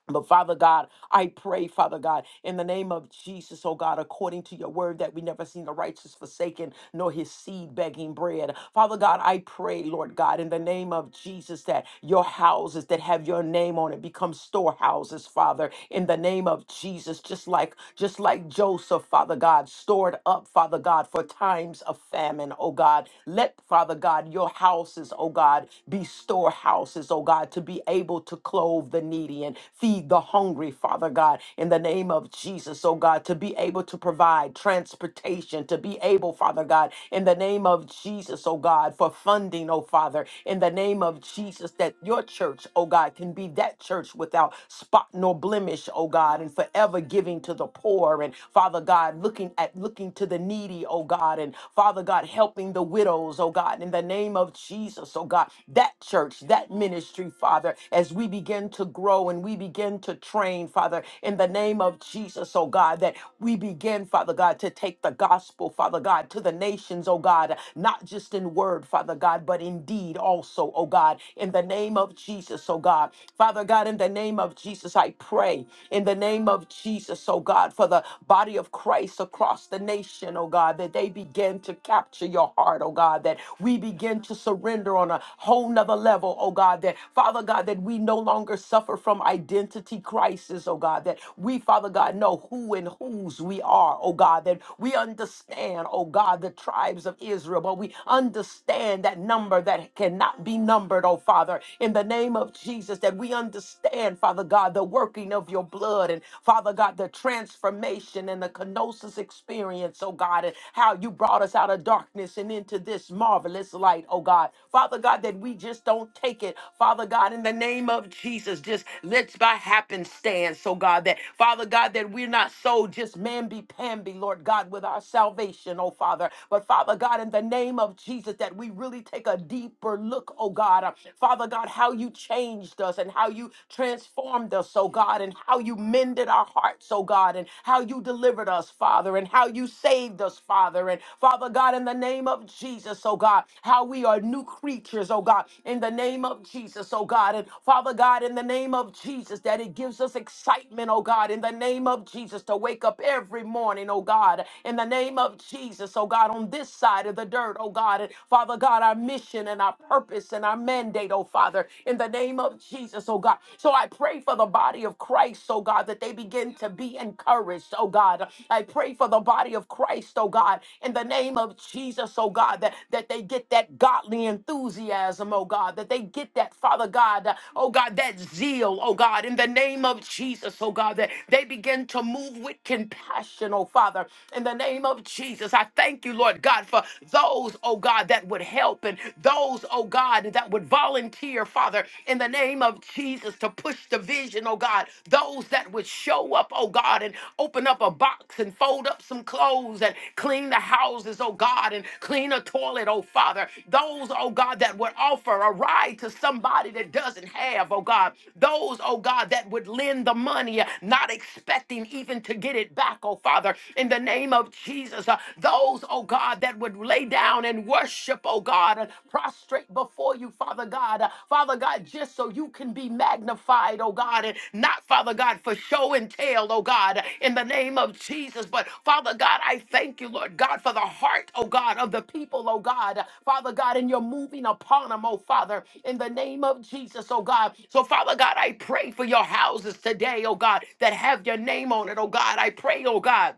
But Father God, I pray, Father God, in the name of Jesus, oh God, according to your word, that we never seen the righteous forsaken, nor his seed begging bread. Father God, I pray, Lord God, in the name of Jesus, that your houses that have your name on it become storehouses, Father, in the name of Jesus, just like just like Joseph, Father God, stored up, Father God, for times of famine, oh God. Let, Father God, your houses, oh God, be storehouses, oh God, to be able able to clothe the needy and feed the hungry, Father God, in the name of Jesus, oh God, to be able to provide transportation, to be able, Father God, in the name of Jesus, oh God, for funding, oh Father, in the name of Jesus, that your church, oh God, can be that church without spot nor blemish, oh God, and forever giving to the poor and Father God, looking at looking to the needy, oh God, and Father God, helping the widows, oh God, in the name of Jesus. Jesus, oh God, that church, that ministry, Father, as we begin to grow and we begin to train, Father, in the name of Jesus, oh God, that we begin, Father God, to take the gospel, Father God, to the nations, oh God, not just in word, Father God, but in deed also, oh God, in the name of Jesus, oh God. Father God, in the name of Jesus, I pray, in the name of Jesus, oh God, for the body of Christ across the nation, oh God, that they begin to to capture your heart, oh God, that we begin to surrender on a whole nother level, oh God, that Father God, that we no longer suffer from identity crisis, oh God, that we, Father God, know who and whose we are, oh God, that we understand, oh God, the tribes of Israel, but we understand that number that cannot be numbered, oh Father, in the name of Jesus, that we understand, Father God, the working of your blood and Father God, the transformation and the connection gnosis experience, oh God, and how you brought us out of darkness and into this marvelous light, oh God. Father God, that we just don't take it, Father God, in the name of Jesus, just let's by happenstance, oh God, that Father God, that we're not so just mamby-pamby, Lord God, with our salvation, oh Father, but Father God, in the name of Jesus, that we really take a deeper look, oh God, uh, Father God, how you changed us and how you transformed us, oh God, and how you you mended our hearts, oh God, and how you delivered us, Father, and how you saved us, Father. And Father God, in the name of Jesus, oh God, how we are new creatures, oh God, in the name of Jesus, oh God. And Father God, in the name of Jesus, that it gives us excitement, oh God, in the name of Jesus, to wake up every morning, oh God, in the name of Jesus, oh God, on this side of the dirt, oh God. And Father God, our mission and our purpose and our mandate, oh Father, in the name of of Jesus, oh God. So I pray for the body of Christ, oh God, that they begin to be encouraged, oh God. I pray for the body of Christ, oh God, in the name of Jesus, oh God, that, that they get that godly enthusiasm, oh God, that they get that, Father God, uh, oh God, that zeal, oh God, in the name of Jesus, oh God, that they begin to move with compassion, oh Father, in the name of Jesus. I thank you, Lord God, for those, oh God, that would help and those those, oh God, that would volunteer, Father, in the name of Jesus to push the vision, oh God, those that would show up, oh God, and open up a box and fold up some clothes and clean the houses, oh God, and clean a toilet, oh Father, those, oh God, that would offer a ride to somebody that doesn't have, oh God, those, oh God, that would lend the money, uh, not expecting even to get it back, oh Father, in the name of Jesus, uh, those, oh God, that that would lay down and worship, oh God, uh, prostrate before you, Father God. Uh, Father God, just so you can be magnified, oh God, and not, Father God, for show and tell, oh God, in the name of Jesus. But Father God, I thank you, Lord God, for the heart, oh God, of the people, oh God. Father God, and you're moving upon them, oh Father, in the name of Jesus, oh God. So, Father God, I pray for your houses today, oh God, that have your name on it, oh God. I pray, oh God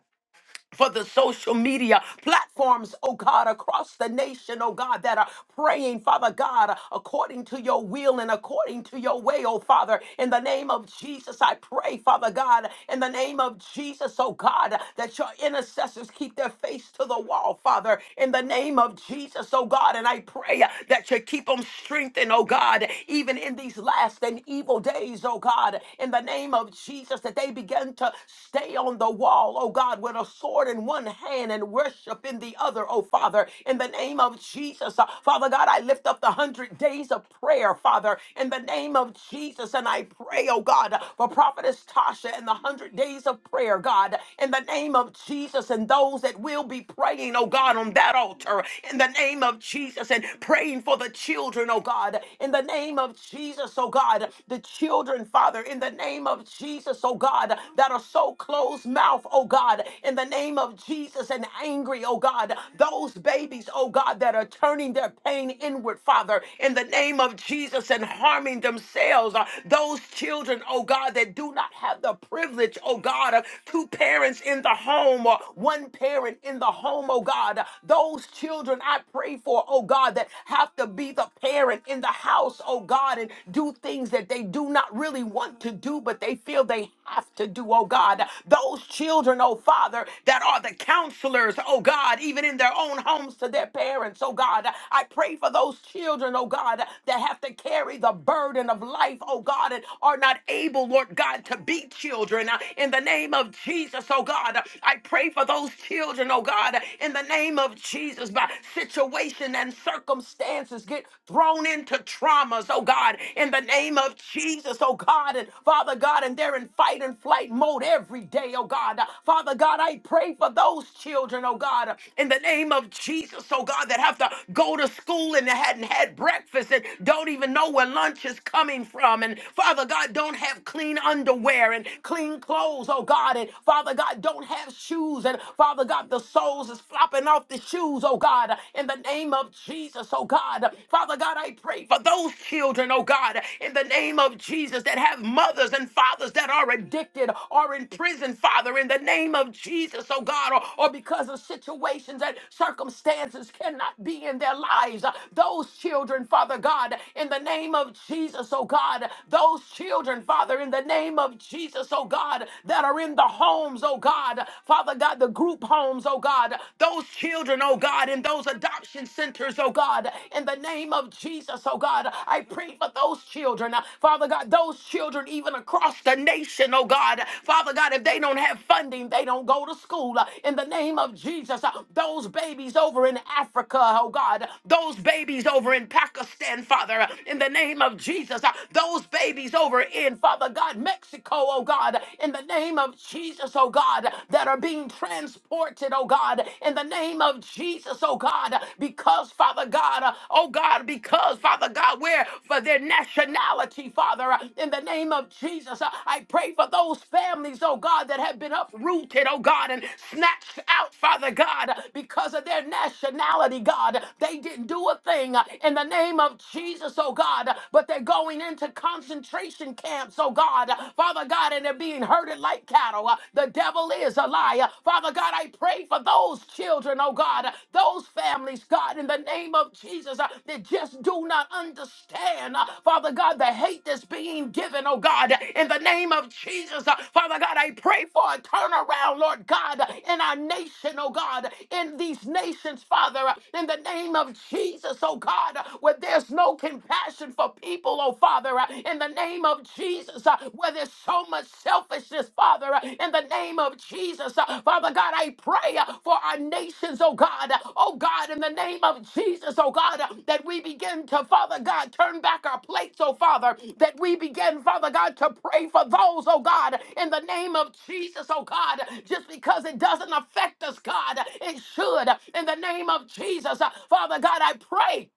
for the social media platforms, oh God, across the nation, oh God, that are praying, Father God, according to your will and according to your way, oh Father. In the name of Jesus, I pray, Father God, in the name of Jesus, oh God, that your intercessors keep their face to the wall, Father, in the name of Jesus, oh God, and I pray that you keep them strengthened, oh God, even in these last and evil days, oh God, in the name of Jesus, that they begin to Stay on the wall, oh God, with a sword in one hand and worship in the other, oh Father, in the name of Jesus. Uh, Father God, I lift up the hundred days of prayer, Father, in the name of Jesus. And I pray, oh God, uh, for Prophetess Tasha and the hundred days of prayer, God, in the name of Jesus, and those that will be praying, oh God, on that altar, in the name of Jesus, and praying for the children, oh God, in the name of Jesus, oh God, the children, Father. Father, in the name of Jesus, oh God, that are so closed mouth, oh God, in the name of Jesus and angry, oh God, those babies, oh God, that are turning their pain inward, Father, in the name of Jesus and harming themselves, Uh, those children, oh God, that do not have the privilege, oh God, of two parents in the home or one parent in the home, oh God, those children I pray for, oh God, that have to be the parent in the house, oh God. God, and do things that they do not really want to do, but they feel they have to do, oh God. Those children, oh Father, that are the counselors, oh God, even in their own homes to their parents, oh God. I pray for those children, oh God, that have to carry the burden of life, oh God, and are not able, Lord God, to be children. Uh, In the name of Jesus, oh God, I pray for those children, oh God, in the name of Jesus, by situation and circumstance circumstances get thrown into traumas, oh God, in the name of Jesus, oh God, and Father God, and they're in fight and flight mode every day, oh God. Father God, I pray for those children, oh God, in the name of Jesus, oh God, that have to go to school and they hadn't had breakfast and don't even know where lunch is coming from, and Father God, don't have clean underwear and clean clothes, oh God, and Father God, don't have shoes, and Father God, the soles is flopping off the shoes refuse, oh God, in the name of Jesus, oh God. Father God, I pray for those children, oh God, in the name of Jesus that have mothers and fathers that are addicted or in prison, Father, in the name of Jesus, oh God, or, or because of situations and circumstances cannot be in their lives. Those children, Father God, in the name of Jesus, oh God, those children, Father, in the name of Jesus, oh God, that are in the homes, oh God, Father God, the group homes, oh God, those children, oh God, in those adoption centers, oh God, in the name of Jesus, oh God, I pray for those children, Father God, those children even across the nation, oh God, Father God, if they don't have funding, they don't go to school, in the name of Jesus, those babies over in Africa, oh God, those babies over in Pakistan, Father, in the name of Jesus, those babies over in, Father God, Mexico, oh God, in the name of name of Jesus, oh God, that are being transported, oh God, in the name of Jesus, oh God, because, Father God, uh, oh God, because, Father God, where for their nationality, Father, uh, in the name of Jesus, uh, I pray for those families, oh God, that have been uprooted, oh God, and snatched out, Father God, because of their nationality, God. They didn't do a thing uh, in the name of Jesus, oh God, but they're going into concentration camps, oh oh God, Father God, and they're being herded like cattle. Uh, The devil is a liar. Father God, I pray for those children, oh God, uh, those families, God, in the name of Jesus, uh, that just do not understand, uh, Father God, the hate that's being given, oh God, uh, in the name of Jesus, uh, Father God, I pray for a turnaround, Lord God, uh, in our nation, oh God, uh, in these nations, Father, uh, in the name of Jesus, oh God, uh, where there's no compassion for people people, oh Father, uh, in the name of Jesus, uh, where there's so much selfishness, Father, uh, in the name of Jesus. uh, Father God, I pray uh, for our nations, oh God, uh, oh God, in the name of Jesus, oh God, uh, that we begin to, Father God, turn back our plates, oh Father, that we begin, Father God, to pray for those, oh God, in the name of Jesus, oh God, just because it doesn't affect us, God, it should, in the name of Jesus. Uh, Father God, I pray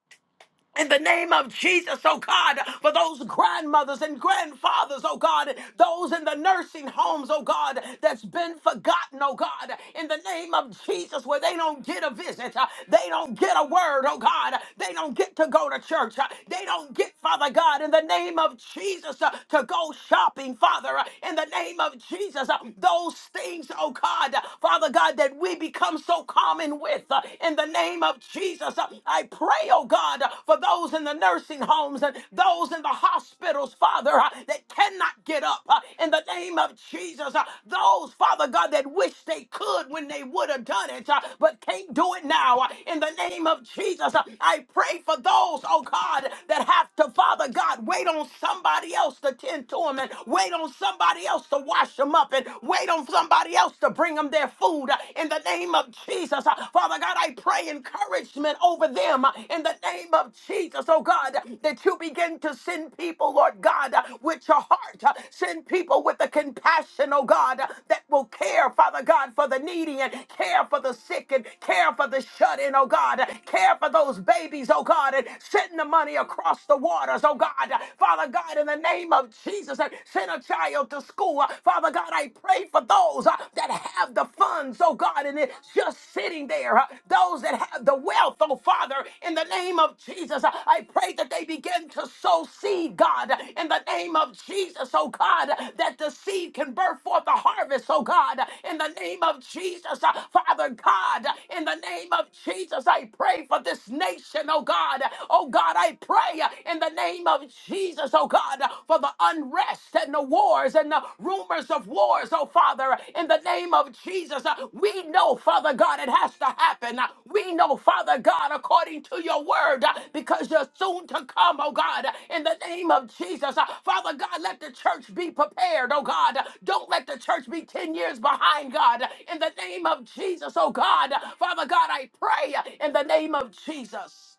in the name of Jesus, oh God, for those grandmothers and grandfathers, oh God, those in the nursing homes, oh God, that's been forgotten, oh God, in the name of Jesus, where they don't get a visit, uh, they don't get a word, oh God, they don't get to go to church, uh, they don't get, Father God, in the name of Jesus, uh, to go shopping, Father, uh, in the name of Jesus, uh, those things, oh God, Father God, that we become so common with, uh, in in the name of Jesus. Uh, I pray, oh God, uh, for those in the nursing homes and those in the hospitals, Father, uh, that cannot get up uh, in the name of Jesus. Uh, Those, Father God, that wish they could when they would have done it, uh, but can't do it now uh, in the name of Jesus. Uh, I pray for those, oh God, that have to, Father God, wait on somebody else to tend to them and wait on somebody else to wash them up and wait on somebody else to bring bring them their food uh, in the name of Jesus. Uh, Father God, I pray encouragement over them uh, in the name of Jesus. Oh God, uh, that you begin to send people, Lord God, uh, with your heart. uh, Send people with the compassion, oh God, uh, that will care, Father God, for the needy and care for the sick and care for the shut in, oh God, uh, care for those babies, oh God, and send the money across the waters, oh God. Uh, Father God, in the name of Jesus, uh, send a child to school. Uh, Father God, I pray for those uh, that have the funds, oh God, and it's just sitting there. Uh, Those that have the wealth, oh Father, in the name of Jesus, uh, I pray that they begin to sow seed, God, in the name of Jesus, oh God, that the seed can birth forth a harvest, oh God, in the name of Jesus, Uh, Father God, in the name of Jesus, I pray for this nation, oh God, oh God, I pray uh, in the name of Jesus, oh God, for the unrest and the wars and the rumors of wars, oh Father, in the name of Jesus. Uh, We know, Father God, it has to happen. Uh, We know, Father God, according to your word, uh, because you're soon to come, oh God, in the name of Jesus. Uh, Father God, let the church be prepared, oh God. Don't let the church be 10 years behind, God, in the name of Jesus, oh God. Father God, I pray uh, in the name of Jesus.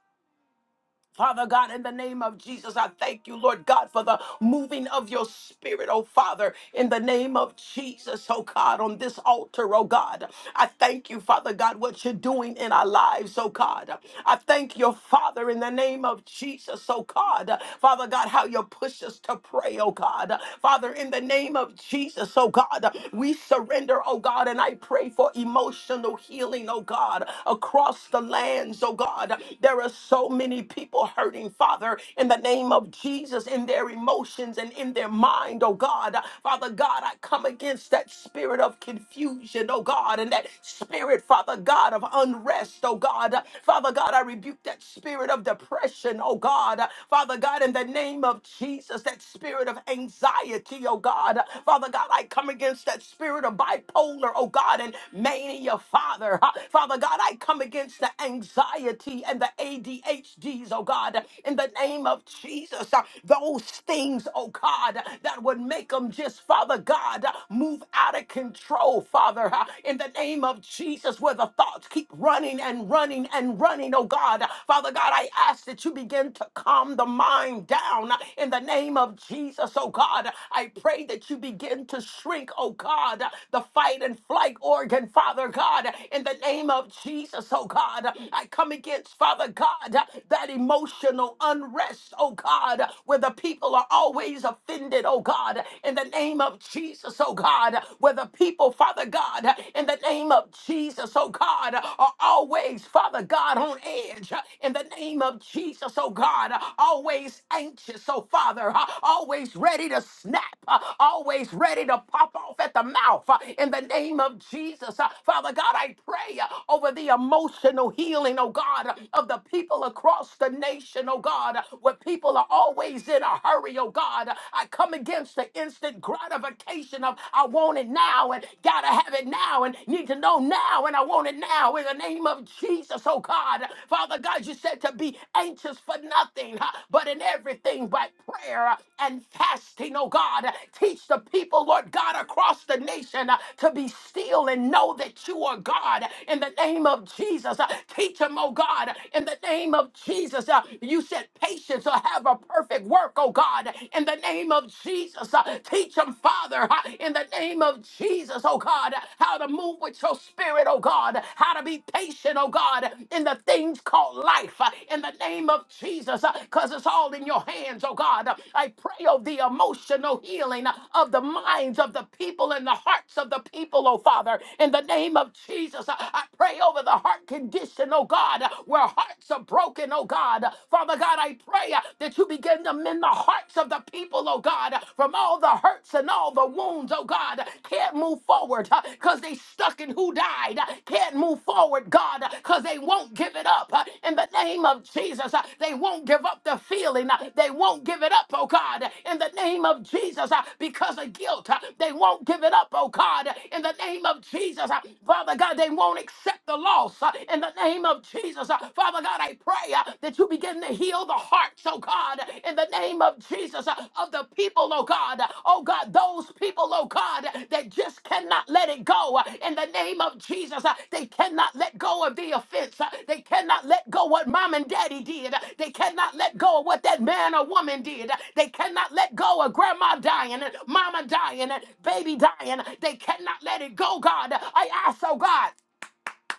Father God, in the name of Jesus, I thank you, Lord God, for the moving of your spirit, oh Father, in the name of Jesus, oh God, on this altar, oh God. I thank you, Father God, what you're doing in our lives, oh God. I thank you, Father, in the name of Jesus, oh God. Father God, how you push us to pray, oh God. Father, in the name of Jesus, oh God, we surrender, oh God, and I pray for emotional healing, oh God, across the lands, oh God. There are so many many people hurting, Father, in the name of Jesus, in their emotions and in their mind, oh God. Father God, I come against that spirit of confusion, oh God, and that spirit, Father God, of unrest, oh God. Father God, I rebuke that spirit of depression, oh God. Father God, in the name of Jesus, that spirit of anxiety, oh God. Father God, I come against that spirit of bipolar, oh God, and mania, Father. Father God, I come against the anxiety and the ADHDs, oh God, in the name of Jesus. uh, Those things, oh God, that would make them just, Father God, uh, move out of control, Father, uh, in the name of Jesus, where the thoughts keep running and running and running, oh God. Father God, I ask that you begin to calm the mind down uh, in the name of Jesus, oh God. I pray that you begin to shrink, oh God, uh, the fight and flight organ, Father God, in the name of Jesus, oh God. I come against sense, Father God, uh, that emotional unrest, oh God, uh, where the people are always offended, oh God, in the name of Jesus, oh God, uh, where the people, Father God, uh, in the name of Jesus, oh God, uh, are always, Father God, on edge, uh, in the name of Jesus, oh God, uh, always anxious, oh Father, uh, always ready to snap, uh, always ready to pop off at the mouth, uh, in the name of Jesus, uh, Father God, I pray uh, over the emotional healing, healing, oh God, of the people across the nation, oh God, where people are always in a hurry, oh God. I come against the instant gratification of I want it now and gotta have it now and need to know now and I want it now in the name of Jesus, oh God. Father God, you said to be anxious for nothing, huh, but in everything by prayer and fasting, oh God. Teach the people, Lord God, across the nation uh, to be still and know that you are God in the name of Jesus. uh, uh, Teach them, oh God, in the name of Jesus. Uh, You said patience will have a perfect work, oh God, in the name of Jesus. Uh, Teach them, Father, uh, in the name of Jesus, oh God, how to move with your spirit, oh God, how to be patient, oh God, in the things called life, uh, in the name of Jesus, because it's all in your hands, oh God. I pray, oh, the emotional healing of the minds of the people and the hearts of the people, oh Father, in the name of Jesus. I pray over the the heart condition, oh God, where hearts are broken, oh God. Father God, I pray uh, that you begin to mend the hearts of the people, oh God, from all the hurts and all the wounds, oh God. Can't move forward because they stuck in who died. uh, Can't move forward, God, because they won't give it up. uh, In the name of Jesus, uh, they won't give up the feeling. uh, They won't give it up, oh God. In the name of Jesus, uh, because of guilt, uh, they won't give it up, oh God. In the name of Jesus, uh, Father God, they won't accept accept the loss uh, in the name of Jesus. Uh, Father God, I pray uh, that you begin to heal the hearts, oh God, in the name of Jesus, uh, of the people, oh God. Oh God, those people, oh God, that just cannot let it go uh, in the name of Jesus. Uh, They cannot let go of the offense. Uh, They cannot let go what mom and daddy did. Uh, They cannot let go of what that man or woman did. Uh, They cannot let go of grandma dying and mama dying and baby dying. They cannot let it go, God. I ask, oh God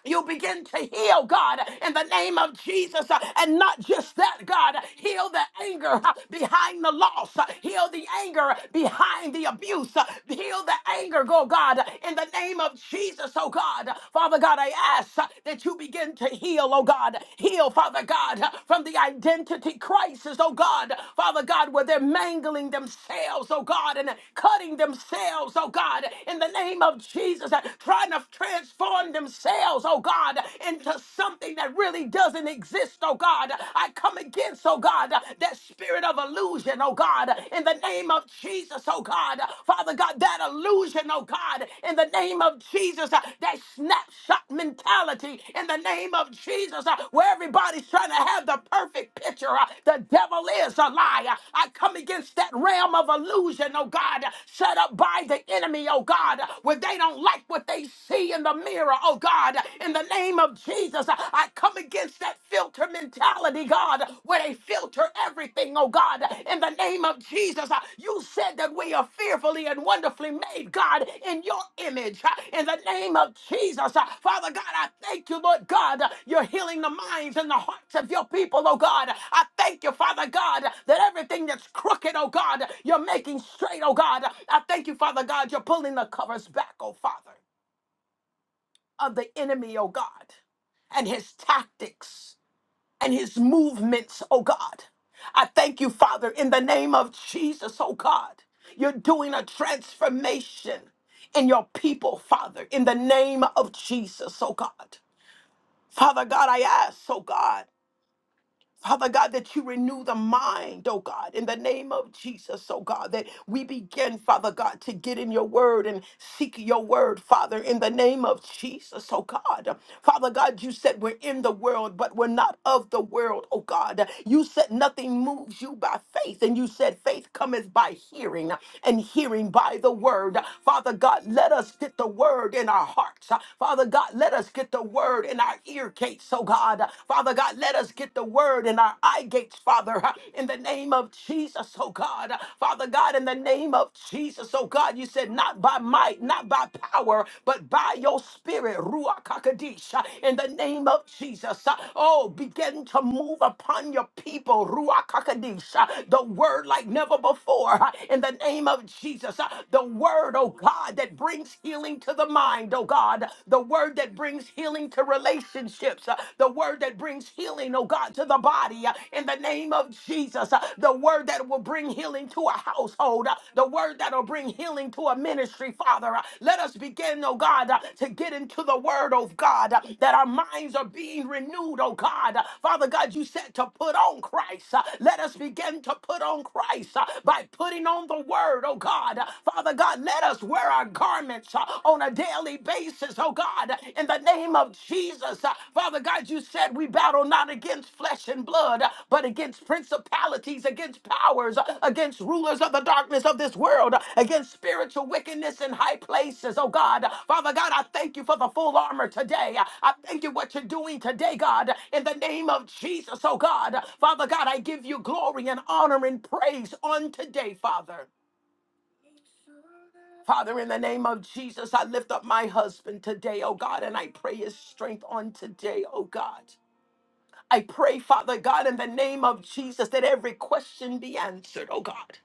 you begin to heal, God, in the name of Jesus. Uh, And not just that, God, heal the anger uh, behind the loss, Uh, heal the anger behind the abuse, Uh, heal the anger, go God, in the name of Jesus, oh God. Father God, I ask uh, that you begin to heal, oh God. Heal, Father God, uh, from the identity crisis, oh God. Father God, where they're mangling themselves, oh God, and cutting themselves, oh God, in the name of Jesus, uh, trying to transform turn themselves, oh God, into something that really doesn't exist, oh God. I come against, oh God, that spirit of illusion, oh God, in the name of Jesus, oh God. Father God, that illusion, oh God, in the name of Jesus, uh, that snapshot mentality, in the name of Jesus, uh, where everybody's trying to have the perfect picture. uh, The devil is a liar. I come against that realm of illusion, oh God, set up by the enemy, oh God, where they don't like what they see, see in the mirror, oh God, in the name of Jesus, I come against that filter mentality, God, where they filter everything, oh God, in the name of Jesus. You said that we are fearfully and wonderfully made, God, in your image, in the name of Jesus. Father God, I thank you, Lord God, you're healing the minds and the hearts of your people, oh God. I thank you, Father God, that everything that's crooked, oh God, you're making straight, oh God. I thank you, Father God, you're pulling the covers back, oh Father of the enemy, oh God, and his tactics and his movements, oh God. I thank you, Father, in the name of Jesus, oh God. You're doing a transformation in your people, Father, in the name of Jesus, oh God. Father God, I ask, oh God. Father God, that you renew the mind, oh God, in the name of Jesus, oh God, that we begin, Father God, to get in your word and seek your word, Father, in the name of Jesus, oh God. Father God, you said we're in the world, but we're not of the world, oh God. You said nothing moves you by faith, and you said faith cometh by hearing, and hearing by the word. Father God, let us get the word in our hearts. Father God, let us get the word in our ear gates, oh God. Father God, let us get the word in our eye gates, Father, in the name of Jesus, oh God. Father God, in the name of Jesus, oh God, you said, not by might, not by power, but by your spirit, Ruach HaKodesh, in the name of Jesus. Oh, begin to move upon your people, Ruach HaKodesh, the word like never before, in the name of Jesus. The word, oh God, that brings healing to the mind, oh God the word that brings healing to relationships, uh, the word that brings healing, oh God, to the body uh, in the name of Jesus, uh, the word that will bring healing to a household, uh, the word that will bring healing to a ministry, Father. uh, Let us begin, oh God, uh, to get into the word of God, uh, that our minds are being renewed, oh God. Uh, Father God, you said to put on Christ. Uh, Let us begin to put on Christ uh, by putting on the word, oh God. Uh, Father God, let us wear our our garments uh, on a daily basis, oh God, in the name of Jesus. Uh, Father God, you said we battle not against flesh and blood, uh, but against principalities, against powers, uh, against rulers of the darkness of this world, uh, against spiritual wickedness in high places, oh God. Father God, I thank you for the full armor today. Uh, I thank you what you're doing today, God, in the name of Jesus, oh God. Father God, I give you glory and honor and praise on today, Father. Father, in the name of Jesus, I lift up my husband today, oh God, and I pray his strength on today, oh God. I pray, Father God, in the name of Jesus, that every question be answered, oh God.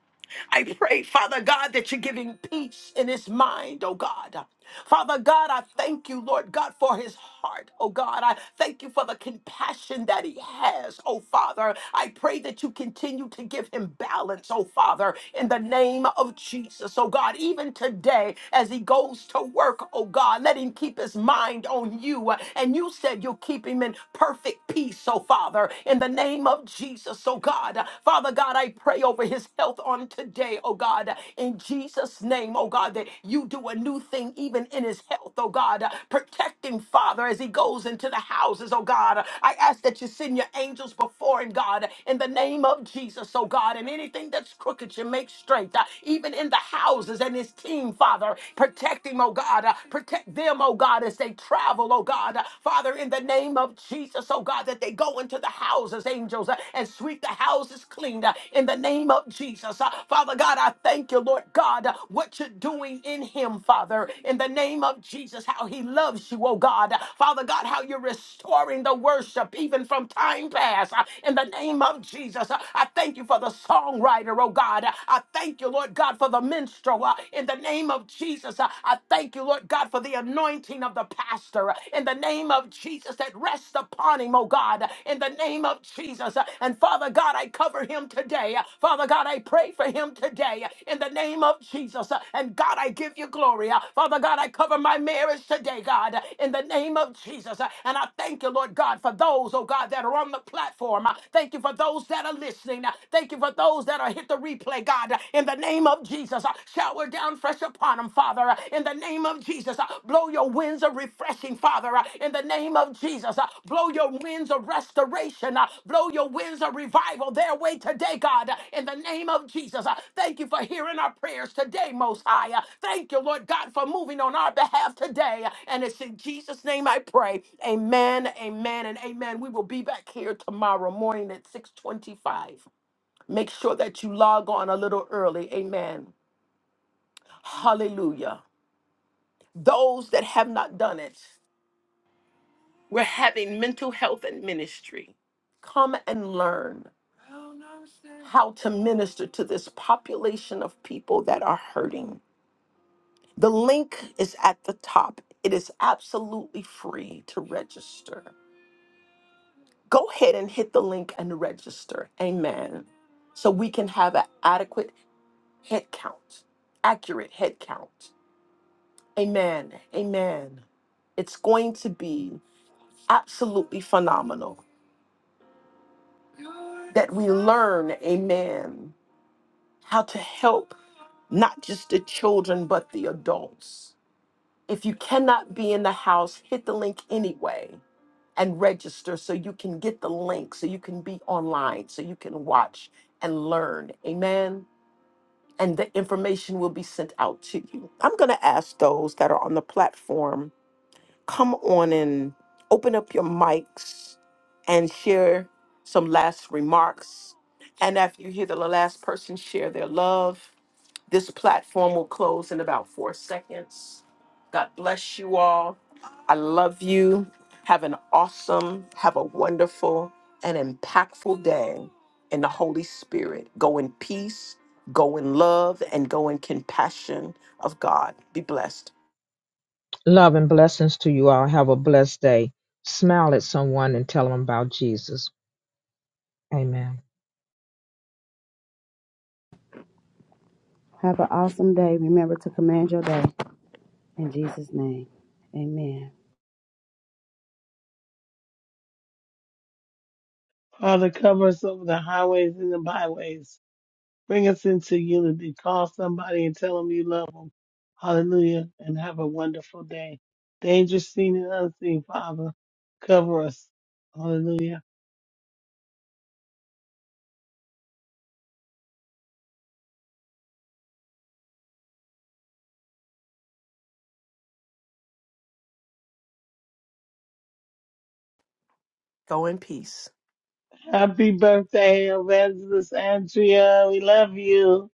I pray, Father God, that you're giving peace in his mind, oh God. Father God, I thank you, Lord God, for his heart, oh God. I thank you for the compassion that he has, oh Father. I pray that you continue to give him balance, oh Father, in the name of Jesus, oh God. Even today, as he goes to work, oh God, let him keep his mind on you. And you said you'll keep him in perfect peace, oh Father, in the name of Jesus. Jesus, oh God. Father God, I pray over his health on today, oh God, in Jesus' name, oh God, that you do a new thing even in his health, oh God. Protect him, Father, as he goes into the houses, oh God. I ask that you send your angels before him, God, in the name of Jesus, oh God, and anything that's crooked, you make straight, Uh, even in the houses and his team, Father. Protect him, oh God. Uh, Protect them, oh God, as they travel, oh God. Uh, Father, in the name name of Jesus, oh God, that they go into the houses, angels, uh, and sweep the houses clean uh, in the name of Jesus. Uh, Father God, I thank you, Lord God, uh, what you're doing in him, Father, in the name of Jesus, how he loves you, oh God. Uh, Father God, how you're restoring the worship even from time past uh, in the name of Jesus. Uh, I thank you for the songwriter, oh God. Uh, I thank you, Lord God, for the minstrel uh, in the name of Jesus. Uh, I thank you, Lord God. God, for the anointing of the pastor in the name of Jesus that rests upon him, oh God, in the name of Jesus. And Father God, I cover him today. Father God, I pray for him today in the name of Jesus. And God, I give you glory. Father God, I cover my marriage today, God, in the name of Jesus. And I thank you, Lord God, for those, oh God, that are on the platform. Thank you for those that are listening. Thank you for those that are hit the replay, God, in the name of Jesus. Jesus. Uh, Shower down fresh upon them, Father, uh, in the name of Jesus. Uh, Blow your winds of refreshing, Father, uh, in the name of Jesus. Uh, Blow your winds of restoration. Uh, Blow your winds of revival their way today, God, uh, in the name of Jesus. Uh, Thank you for hearing our prayers today, Most High. Uh, Thank you, Lord God, for moving on our behalf today. Uh, And it's in Jesus' name I pray. Amen, amen, and amen. We will be back here tomorrow morning at 625. Make sure that you log on a little early. Amen. Hallelujah. Those that have not done it, we're having mental health and ministry. Come and learn how to minister to this population of people that are hurting. The link is at the top. It is absolutely free to register. Go ahead and hit the link and register. Amen. So we can have an adequate head count, accurate head count. Amen. Amen. It's going to be absolutely phenomenal that we learn, amen, how to help not just the children, but the adults. If you cannot be in the house, hit the link anyway and register so you can get the link, so you can be online, so you can watch and learn. Amen. And the information will be sent out to you. I'm going to ask those that are on the platform come on and open up your mics and share some last remarks. And after you hear the last person share their love, this platform will close in about four seconds. God bless you all. I love you. Have an awesome, have a wonderful, and impactful day in the Holy Spirit. Go in peace, go in love, and go in compassion of God. Be blessed.
Love and blessings to you all. Have a blessed day. Smile at someone and tell them about Jesus. Amen.
Have an awesome day. Remember to command your day. In Jesus' name, amen.
Father, cover us over the highways and the byways. Bring us into unity. Call somebody and tell them you love them. Hallelujah. And have a wonderful day. Dangerous seen and unseen, Father. Cover us. Hallelujah.
Go in peace.
Happy birthday, Evangelist Andrea. We love you.